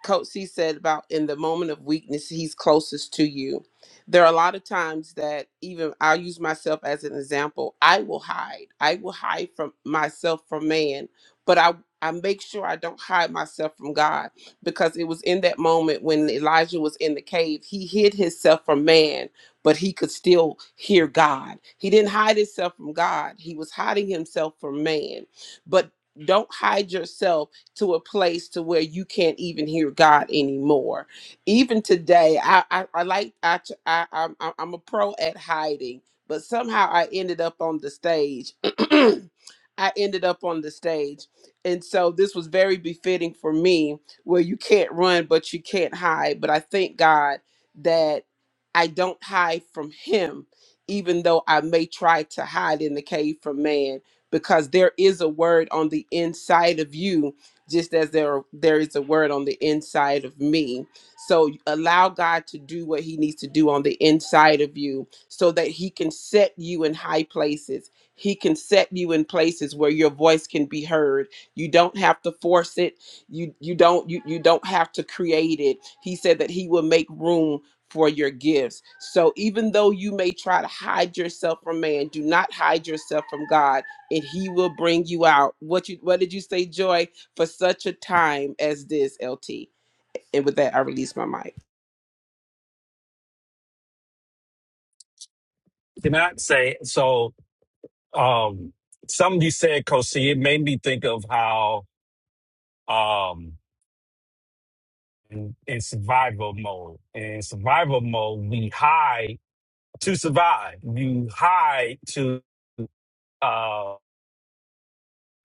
[SPEAKER 5] Coach C said about in the moment of weakness, he's closest to you. There are a lot of times that even I'll use myself as an example. I will hide. I will hide from myself from man, but I I make sure I don't hide myself from God because it was in that moment when Elijah was in the cave, he hid himself from man, but he could still hear God. He didn't hide himself from God. He was hiding himself from man. But don't hide yourself to a place to where you can't even hear God anymore. Even today, I I, I like I am I, t- I I'm I'm I'm a pro at hiding, but somehow I ended up on the stage. I ended up on the stage. And so this was very befitting for me where you can't run but you can't hide, but I thank God that I don't hide from him even though I may try to hide in the cave from man because there is a word on the inside of you just as there there is a word on the inside of me. So allow God to do what he needs to do on the inside of you so that he can set you in high places. He can set you in places where your voice can be heard. You don't have to force it. You you don't you, you don't have to create it. He said that he will make room for your gifts. So even though you may try to hide yourself from man, do not hide yourself from God and he will bring you out. What you what did you say, Joy? for such a time as this, LT. And with that, I release my mic.
[SPEAKER 9] Cannot say so. Um, something you said, Kosi, it made me think of how um in, in survival mode. In survival mode, we hide to survive. You hide to uh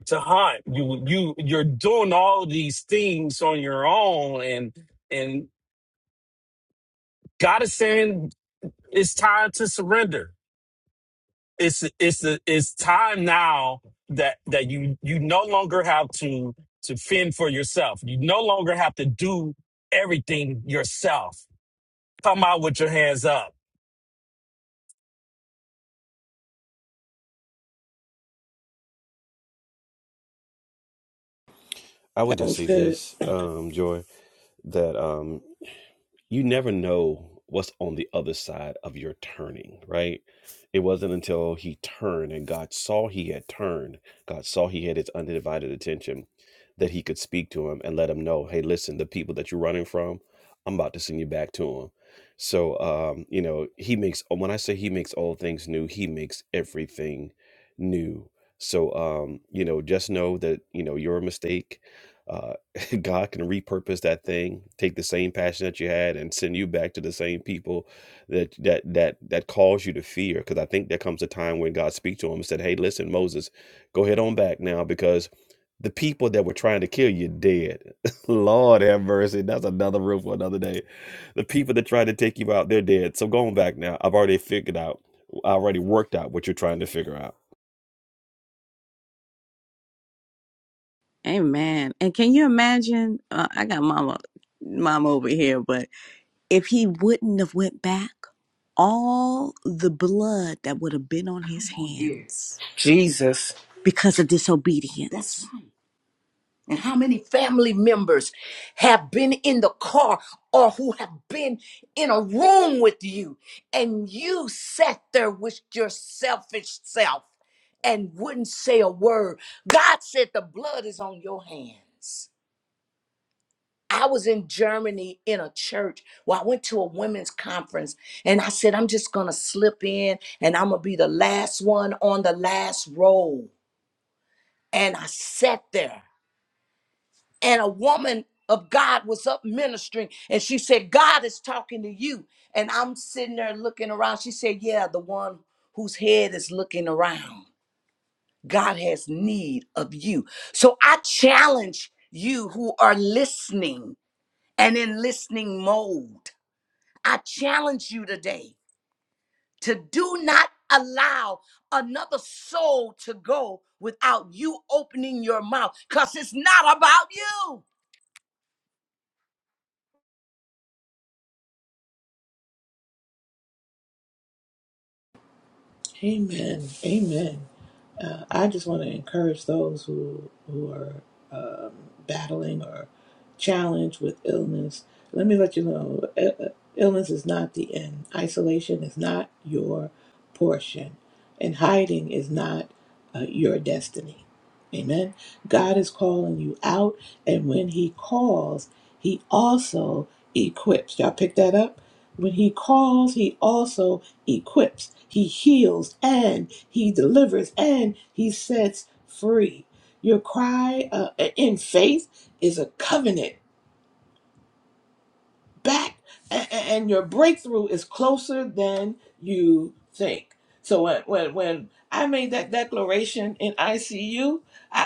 [SPEAKER 9] to hunt. You you you're doing all these things on your own, and and God is saying it's time to surrender. it's it's it's time now that that you you no longer have to to fend for yourself. You no longer have to do everything yourself. Come out with your hands up.
[SPEAKER 1] I would
[SPEAKER 10] That
[SPEAKER 1] just
[SPEAKER 10] was
[SPEAKER 1] say
[SPEAKER 10] good.
[SPEAKER 1] this, um, Joy, that um, you never know what's on the other side of your turning, right? It wasn't until he turned and God saw he had turned, God saw he had his undivided attention, that he could speak to him and let him know, hey, listen, the people that you're running from, I'm about to send you back to them." So, um, you know, he makes, when I say he makes all things new, he makes everything new. So, um, you know, just know that, you know, you're a mistake uh, God can repurpose that thing, take the same passion that you had, and send you back to the same people that that that that caused you to fear. Because I think there comes a time when God speaks to him and said, "Hey, listen, Moses, go ahead on back now, because the people that were trying to kill you dead. Lord have mercy, that's another room for another day. The people that tried to take you out, they're dead. So going back now, I've already figured out, I already worked out what you're trying to figure out."
[SPEAKER 3] Amen. And can you imagine? Uh, I got mama, mama over here, but if he wouldn't have went back, all the blood that would have been on his Come on here. hands
[SPEAKER 5] Jesus.
[SPEAKER 3] because of That's disobedience. right. And how many family members have been in the car or who have been in a room with you and you sat there with your selfish self and wouldn't say a word? God said the blood is on your hands. I was in Germany in a church where I went to a women's conference and I said, I'm just going to slip in and I'm going to be the last one on the last row. And I sat there and a woman of God was up ministering and she said, God is talking to you. And I'm sitting there looking around. She said, Yeah, the one whose head is looking around. God has need of you. So I challenge you who are listening and in listening mode. I challenge you today to do not allow another soul to go without you opening your mouth because it's not about you.
[SPEAKER 10] Amen. Amen. Uh, I just want to encourage those who who are um, battling or challenged with illness. Let me let you know, i- i- illness is not the end. Isolation is not your portion, and hiding is not uh, your destiny. Amen. God is calling you out, and when He calls, He also equips. Y'all pick that up. When He calls, He also equips, He heals, and He delivers, and He sets free. Your cry uh, in faith is a covenant back and, and your breakthrough is closer than you think so when when, when i made that declaration in icu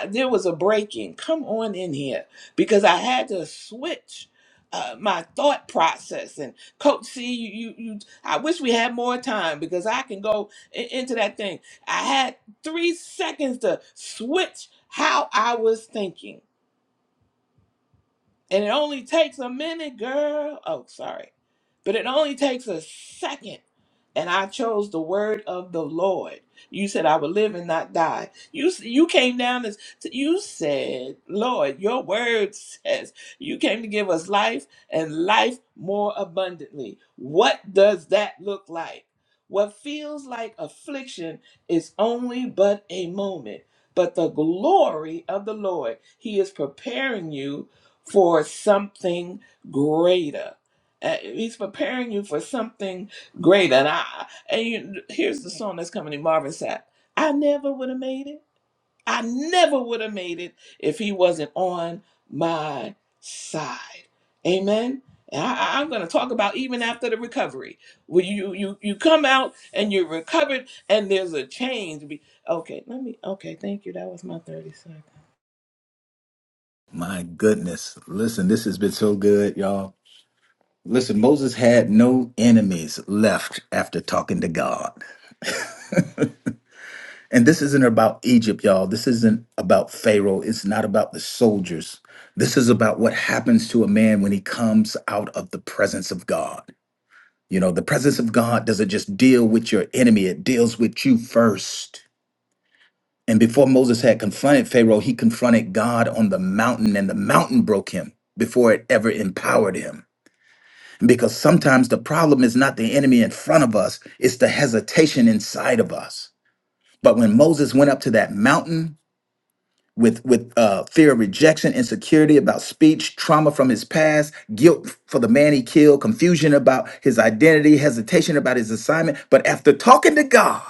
[SPEAKER 10] there was a breaking come on in here because i had to switch uh, my thought process and coach c you, you you i wish we had more time because i can go in, into that thing i had three seconds to switch how i was thinking and it only takes a minute, girl. Oh, sorry. But it only takes a second. And I chose the word of the Lord. You said I would live and not die. You you came down as you said, Lord, your word says you came to give us life and life more abundantly. What does that look like? What feels like affliction is only but a moment, but the glory of the Lord, he is preparing you for something greater. Uh, he's preparing you for something greater. And I and you, here's the song that's coming in Marvin Sapp. I never would have made it. I never would have made it if he wasn't on my side. Amen. And I, I- I'm going to talk about even after the recovery, when you you you come out and you're recovered, and there's a change. Be- Okay, let me. Okay, thank you. That was my thirty seconds.
[SPEAKER 4] My goodness. Listen, this has been so good, y'all. Listen, Moses had no enemies left after talking to God. and this isn't about Egypt, y'all. This isn't about Pharaoh. It's not about the soldiers. This is about what happens to a man when he comes out of the presence of God. You know, the presence of God doesn't just deal with your enemy, it deals with you first. And before Moses had confronted Pharaoh, he confronted God on the mountain, and the mountain broke him before it ever empowered him. Because sometimes the problem is not the enemy in front of us, it's the hesitation inside of us. But when Moses went up to that mountain, with with uh, fear of rejection, insecurity about speech, trauma from his past, guilt for the man he killed, confusion about his identity, hesitation about his assignment. But after talking to God,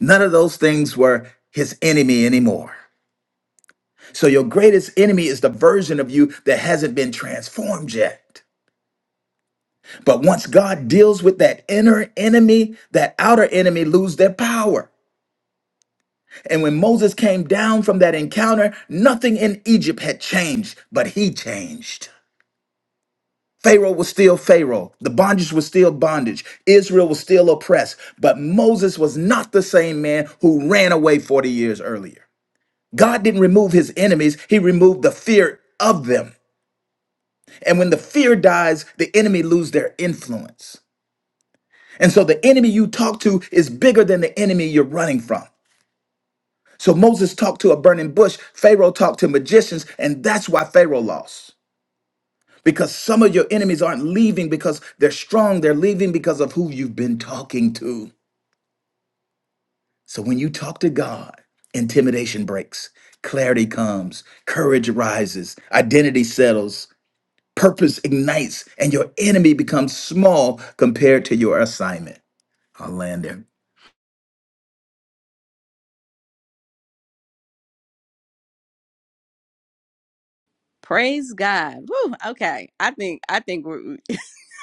[SPEAKER 4] none of those things were his enemy anymore. So your greatest enemy is the version of you that hasn't been transformed yet. But once God deals with that inner enemy, that outer enemy lose their power. And when Moses came down from that encounter, nothing in Egypt had changed, but he changed. Pharaoh was still Pharaoh. The bondage was still bondage. Israel was still oppressed. But Moses was not the same man who ran away 40 years earlier. God didn't remove his enemies, he removed the fear of them. And when the fear dies, the enemy lose their influence. And so the enemy you talk to is bigger than the enemy you're running from. So Moses talked to a burning bush, Pharaoh talked to magicians, and that's why Pharaoh lost. Because some of your enemies aren't leaving because they're strong, they're leaving because of who you've been talking to. So when you talk to God, intimidation breaks, clarity comes, courage rises, identity settles, purpose ignites, and your enemy becomes small compared to your assignment. I'll land there.
[SPEAKER 3] Praise God. Woo, okay. I think I think we're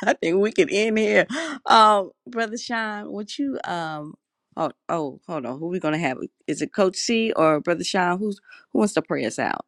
[SPEAKER 3] I think we can end here. Um, Brother Sean, would you um oh oh hold on, who we gonna have? Is it Coach C or Brother Sean? Who's who wants to pray us out?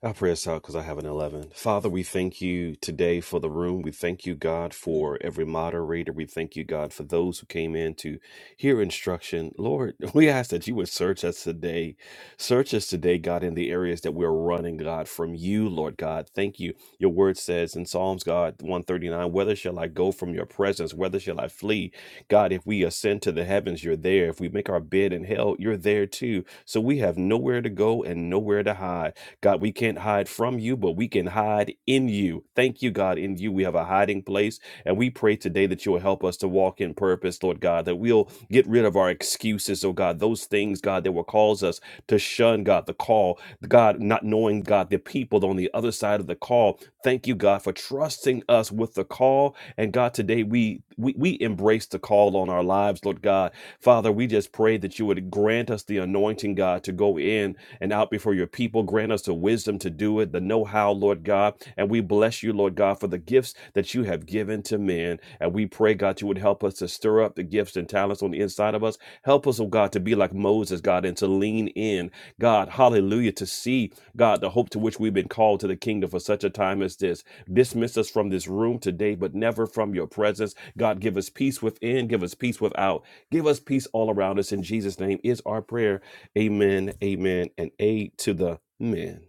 [SPEAKER 1] I'll pray us out because I have an 11. Father, we thank you today for the room. We thank you, God, for every moderator. We thank you, God, for those who came in to hear instruction. Lord, we ask that you would search us today. Search us today, God, in the areas that we're running, God, from you, Lord God. Thank you. Your word says in Psalms, God, 139, whether shall I go from your presence? Whether shall I flee? God, if we ascend to the heavens, you're there. If we make our bed in hell, you're there too. So we have nowhere to go and nowhere to hide. God, we can't hide from you, but we can hide in you. Thank you, God. In you, we have a hiding place. And we pray today that you will help us to walk in purpose, Lord God, that we'll get rid of our excuses, oh God, those things, God, that will cause us to shun, God, the call, God, not knowing, God, the people on the other side of the call. Thank you, God, for trusting us with the call and God, today we, we we embrace the call on our lives, Lord God. Father, we just pray that you would grant us the anointing, God, to go in and out before your people. Grant us the wisdom to do it, the know-how, Lord God. And we bless you, Lord God, for the gifts that you have given to men in. And we pray, God, you would help us to stir up the gifts and talents on the inside of us. Help us, oh God, to be like Moses, God, and to lean in, God, hallelujah, to see, God, the hope to which we've been called to the kingdom for such a time as this. Dismiss us from this room today, but never from your presence. God, give us peace within, give us peace without, give us peace all around us. In Jesus' name is our prayer. Amen, amen, and A to the men.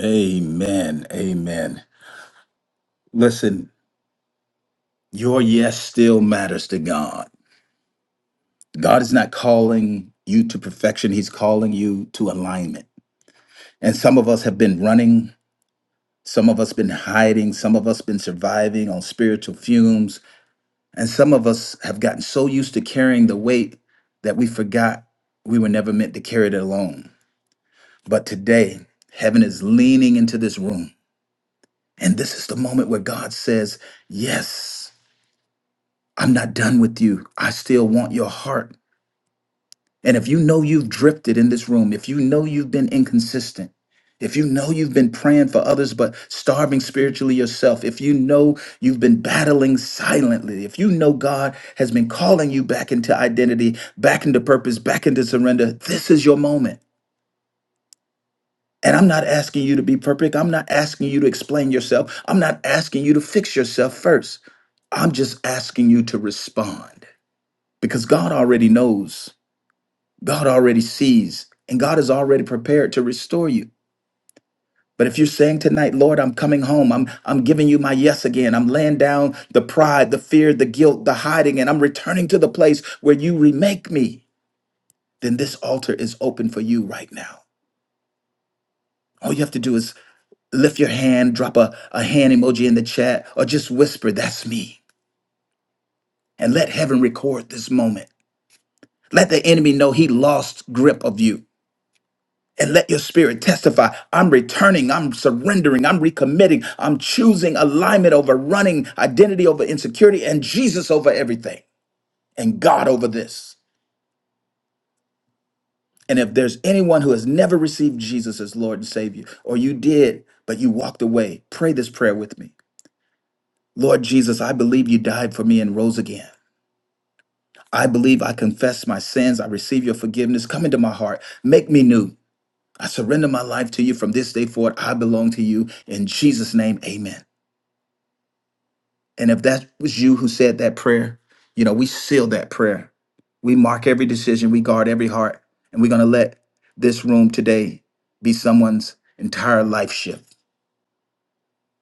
[SPEAKER 4] Amen. Amen. Listen, your yes still matters to God. God is not calling you to perfection, He's calling you to alignment. And some of us have been running, some of us been hiding, some of us been surviving on spiritual fumes, and some of us have gotten so used to carrying the weight that we forgot we were never meant to carry it alone. But today, heaven is leaning into this room. And this is the moment where God says, Yes, I'm not done with you. I still want your heart. And if you know you've drifted in this room, if you know you've been inconsistent, if you know you've been praying for others but starving spiritually yourself, if you know you've been battling silently, if you know God has been calling you back into identity, back into purpose, back into surrender, this is your moment. And I'm not asking you to be perfect. I'm not asking you to explain yourself. I'm not asking you to fix yourself first. I'm just asking you to respond because God already knows. God already sees and God is already prepared to restore you. But if you're saying tonight, Lord, I'm coming home. I'm I'm giving you my yes again. I'm laying down the pride, the fear, the guilt, the hiding, and I'm returning to the place where you remake me, then this altar is open for you right now. All you have to do is lift your hand, drop a, a hand emoji in the chat, or just whisper, that's me. And let heaven record this moment. Let the enemy know he lost grip of you. and let your spirit testify. I'm returning, I'm surrendering, I'm recommitting, I'm choosing alignment over running, identity over insecurity, and Jesus over everything, and God over this. And if there's anyone who has never received Jesus as Lord and Savior, or you did, but you walked away, pray this prayer with me. Lord Jesus, I believe you died for me and rose again. I believe I confess my sins. I receive your forgiveness. Come into my heart. Make me new. I surrender my life to you from this day forward. I belong to you. In Jesus' name, amen. And if that was you who said that prayer, you know, we seal that prayer. We mark every decision, we guard every heart, and we're going to let this room today be someone's entire life shift.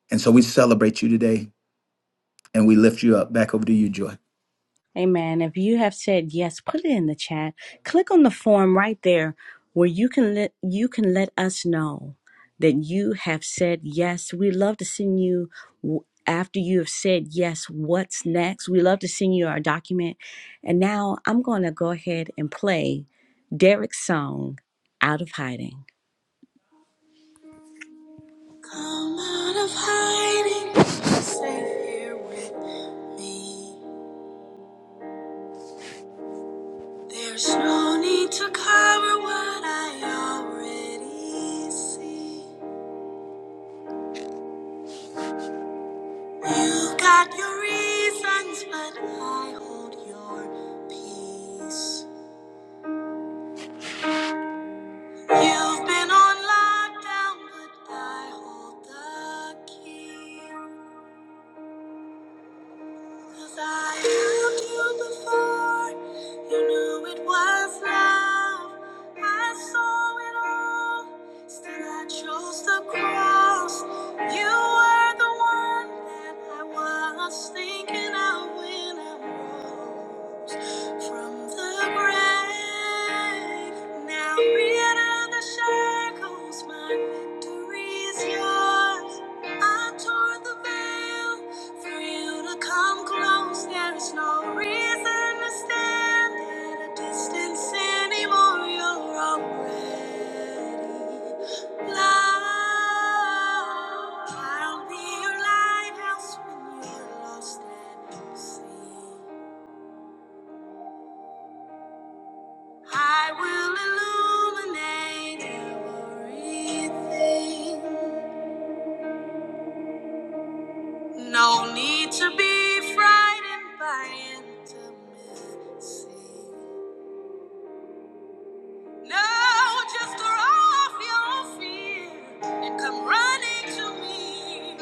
[SPEAKER 4] And so we celebrate you today and we lift you up. Back over to you, Joy.
[SPEAKER 3] Amen. If you have said yes, put it in the chat. Click on the form right there where you can let you can let us know that you have said yes. We love to send you w- after you have said yes, what's next? We love to send you our document. And now I'm going to go ahead and play Derek's song Out of Hiding. I'm out of hiding, safe here with me. There's no need to cover what I already see. You got your reasons, but I hold your peace. You've been on lockdown, but I hold the key. Cause I loved you before you knew it was love. I saw it all, still I chose the cross. You were the one that I was thinking of when I rose from the grave. Now read the shackles, my victory is yours. I tore the veil. For you to come close, there is no reason to stand at a distance anymore. You're already loved. I'll be your lighthouse when you're lost at sea. I will illuminate everything. No need to be frightened by intimacy. Now just throw off your fear and come running to me.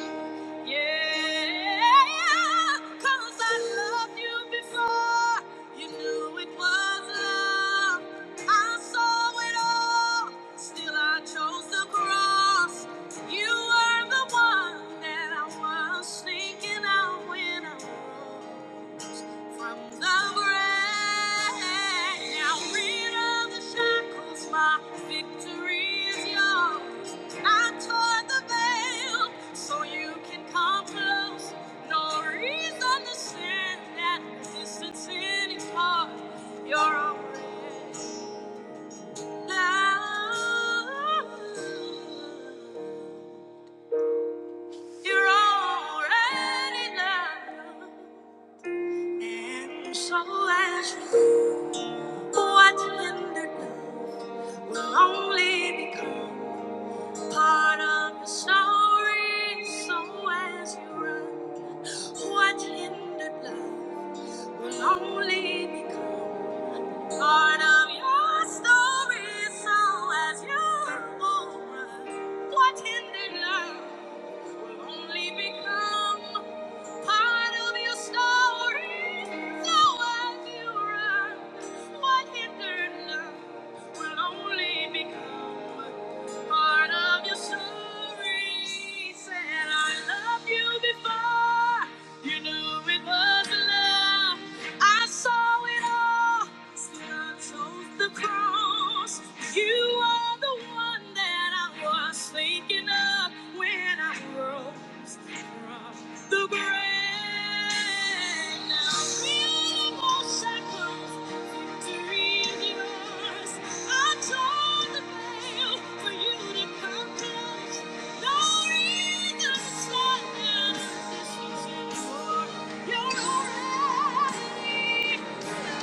[SPEAKER 3] Yeah, yeah, 'cause I loved you before you knew it was love. I saw it all, still I chose the cross. You were the one that I was thinking of when I rose. From the grave, now rid of the shackles, my victory is yours. I tore the veil so you can come close. No reason to stand at distance anymore. You're already now. You're already now. And so as you what are love will only become part of the story. So as you run, what are love will only become part of your story. So as you go, what ended now will only become part of your story. So as you run, what hindered now will only become part of your story. Said I loved you before you knew it was love. I saw it all. Still I chose the cross. You are the one that I was thinking of when I rose from the grave. Now beautiful shackles, victory is yours. I tore the veil for you to come close. No reason to slow down. This is yours. You're already.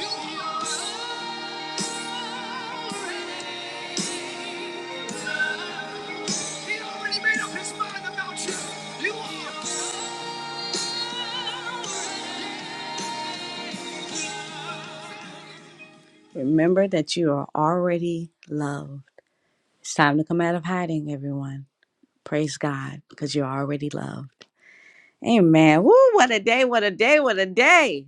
[SPEAKER 3] You are already loved. Remember that you are already loved. It's time to come out of hiding, everyone. Praise God, because you're already loved. Amen. Woo, what a day, what a day, what a day.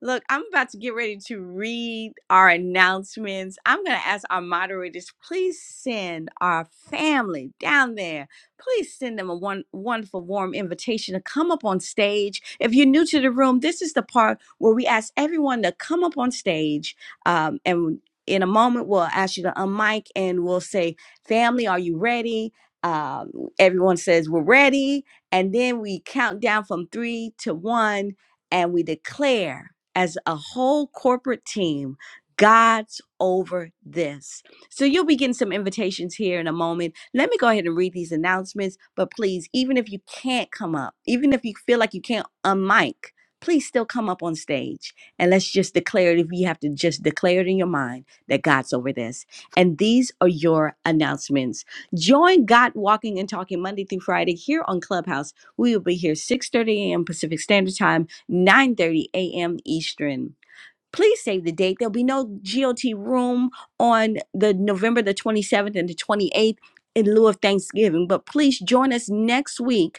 [SPEAKER 3] Look, I'm about to get ready to read our announcements. I'm going to ask our moderators, please send our family down there. Please send them a one, wonderful, warm invitation to come up on stage. If you're new to the room, this is the part where we ask everyone to come up on stage. Um, and in a moment, we'll ask you to unmic and we'll say, Family, are you ready? Um, everyone says, We're ready. And then we count down from three to one and we declare as a whole corporate team God's over this. So you'll be getting some invitations here in a moment. Let me go ahead and read these announcements, but please, even if you can't come up, even if you feel like you can't unmic, please still come up on stage and let's just declare it if you have to just declare it in your mind that God's over this. And these are your announcements. Join God Walking and Talking Monday through Friday here on Clubhouse. We will be here 6:30 a.m. Pacific Standard Time 9:30 a.m. Eastern. Please save the date. There'll be no GOT room on the November the 27th and the 28th in lieu of Thanksgiving, but please join us next week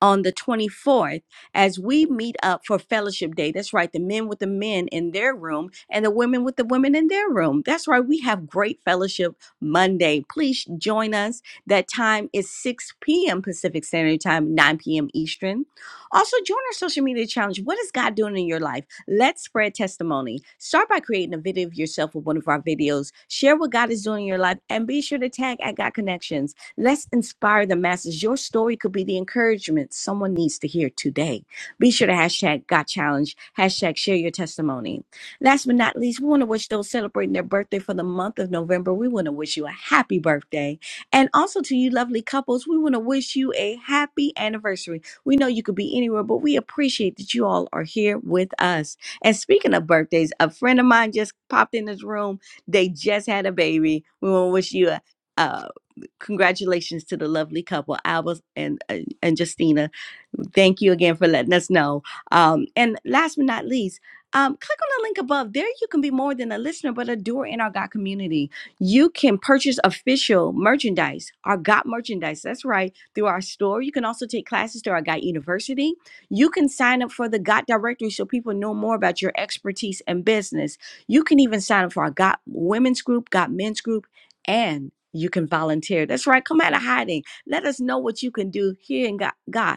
[SPEAKER 3] on the 24th as we meet up for fellowship day. That's right, the men with the men in their room and the women with the women in their room. That's right, we have great fellowship Monday. Please join us. That time is 6 p.m. Pacific Standard Time, 9 p.m. Eastern. Also, join our social media challenge. What is God doing in your life? Let's spread testimony. Start by creating a video of yourself with one of our videos. Share what God is doing in your life and be sure to tag at God Connections. Let's inspire the masses. Your story could be the encouragement someone needs to hear today. Be sure to hashtag got challenge, hashtag share your testimony. Last but not least, we want to wish those celebrating their birthday for the month of November. We want to wish you a happy birthday. And also to you lovely couples, we want to wish you a happy anniversary. We know you could be anywhere, but we appreciate that you all are here with us. And speaking of birthdays, a friend of mine just popped in this room. They just had a baby. We want to wish you a, a congratulations to the lovely couple, Albus and and and Justina. Thank you again for letting us know. Um, and last but not least, um, click on the link above. There, you can be more than a listener, but a doer in our God community. You can purchase official merchandise, our God merchandise. That's right, through our store. You can also take classes through our God University. You can sign up for the God directory so people know more about your expertise and business. You can even sign up for our God women's group, God men's group, and you can volunteer. That's right. Come out of hiding. Let us know what you can do here in God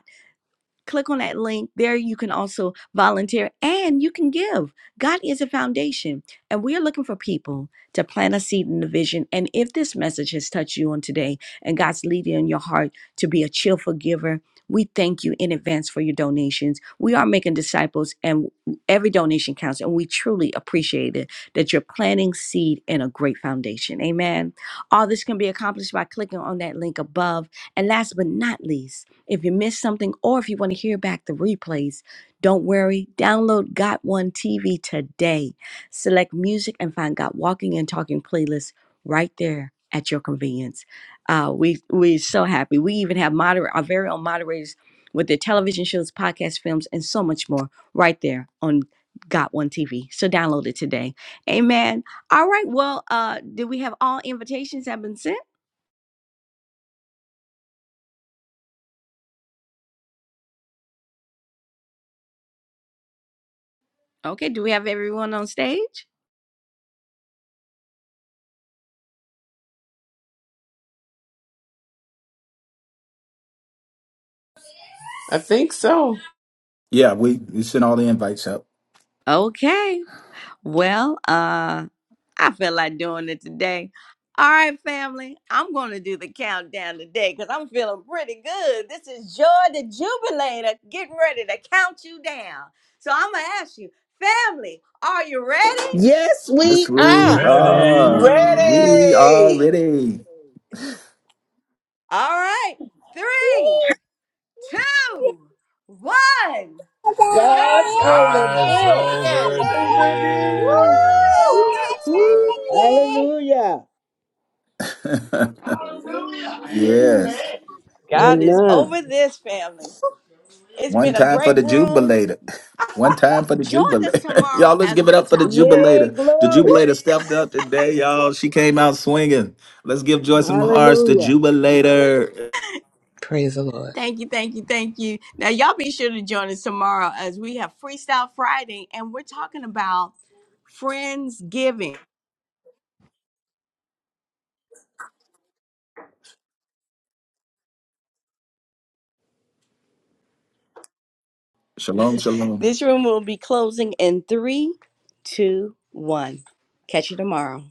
[SPEAKER 3] click on that link. There you can also volunteer and you can give. God is a foundation, and we are looking for people to plant a seed in the vision. And if this message has touched you on today and God's leading in your heart to be a cheerful giver, we thank you in advance for your donations. We are making disciples, and every donation counts, and we truly appreciate it that you're planting seed in a great foundation. Amen. All this can be accomplished by clicking on that link above. And last but not least, if you missed something or if you want to hear back the replays, don't worry. Download Got One TV today. Select music and find Got Walking and Talking playlist right there at your convenience. Uh, we we're so happy. We even have moder- our very own moderators with their television shows, podcasts, films, and so much more right there on Got One TV. So download it today. Amen. All right. Well, uh, do we have all invitations have been sent? Okay, do we have everyone on stage?
[SPEAKER 5] I think so.
[SPEAKER 4] Yeah, we, we sent all the invites out.
[SPEAKER 3] Okay. Well, uh I feel like doing it today. All right, family. I'm going to do the countdown today cuz I'm feeling pretty good. This is Joy the Jubilator getting ready to count you down. So I'm going to ask you, family, are you ready?
[SPEAKER 11] Yes, we
[SPEAKER 4] Yes, we
[SPEAKER 11] are.
[SPEAKER 4] are.
[SPEAKER 9] Ready,
[SPEAKER 4] We are
[SPEAKER 5] Ready!
[SPEAKER 4] ready.
[SPEAKER 11] Come on.
[SPEAKER 3] All right. Three, two, one. God is
[SPEAKER 11] God's
[SPEAKER 3] over
[SPEAKER 11] over
[SPEAKER 9] guys,
[SPEAKER 11] this.
[SPEAKER 3] this.
[SPEAKER 5] Yes.
[SPEAKER 9] over
[SPEAKER 12] over this.
[SPEAKER 9] this.
[SPEAKER 5] Woo!
[SPEAKER 4] Woo.
[SPEAKER 11] Hallelujah.
[SPEAKER 3] Hallelujah.
[SPEAKER 4] yes.
[SPEAKER 3] Amen. God is
[SPEAKER 11] Amen.
[SPEAKER 3] over this family. It's
[SPEAKER 4] One
[SPEAKER 3] been a
[SPEAKER 4] time for
[SPEAKER 3] great
[SPEAKER 4] the
[SPEAKER 3] room.
[SPEAKER 4] jubilator. One time for the
[SPEAKER 3] Join us
[SPEAKER 4] jubilator.
[SPEAKER 3] tomorrow
[SPEAKER 4] y'all, let's
[SPEAKER 3] as
[SPEAKER 4] give it
[SPEAKER 3] we
[SPEAKER 4] up for the
[SPEAKER 3] talk about.
[SPEAKER 11] Yay,
[SPEAKER 4] jubilator. The
[SPEAKER 5] Woo.
[SPEAKER 11] glory.
[SPEAKER 4] jubilator stepped up today, y'all. She came out swinging. Let's give joy some hearts. The
[SPEAKER 11] Hallelujah.
[SPEAKER 4] jubilator.
[SPEAKER 10] Praise the Lord.
[SPEAKER 3] Thank you, thank you, thank you. Now, y'all be sure to join us tomorrow as we have Freestyle Friday and we're talking about friends giving.
[SPEAKER 4] Shalom, shalom.
[SPEAKER 3] This room will be closing in three, two, one. Catch you tomorrow.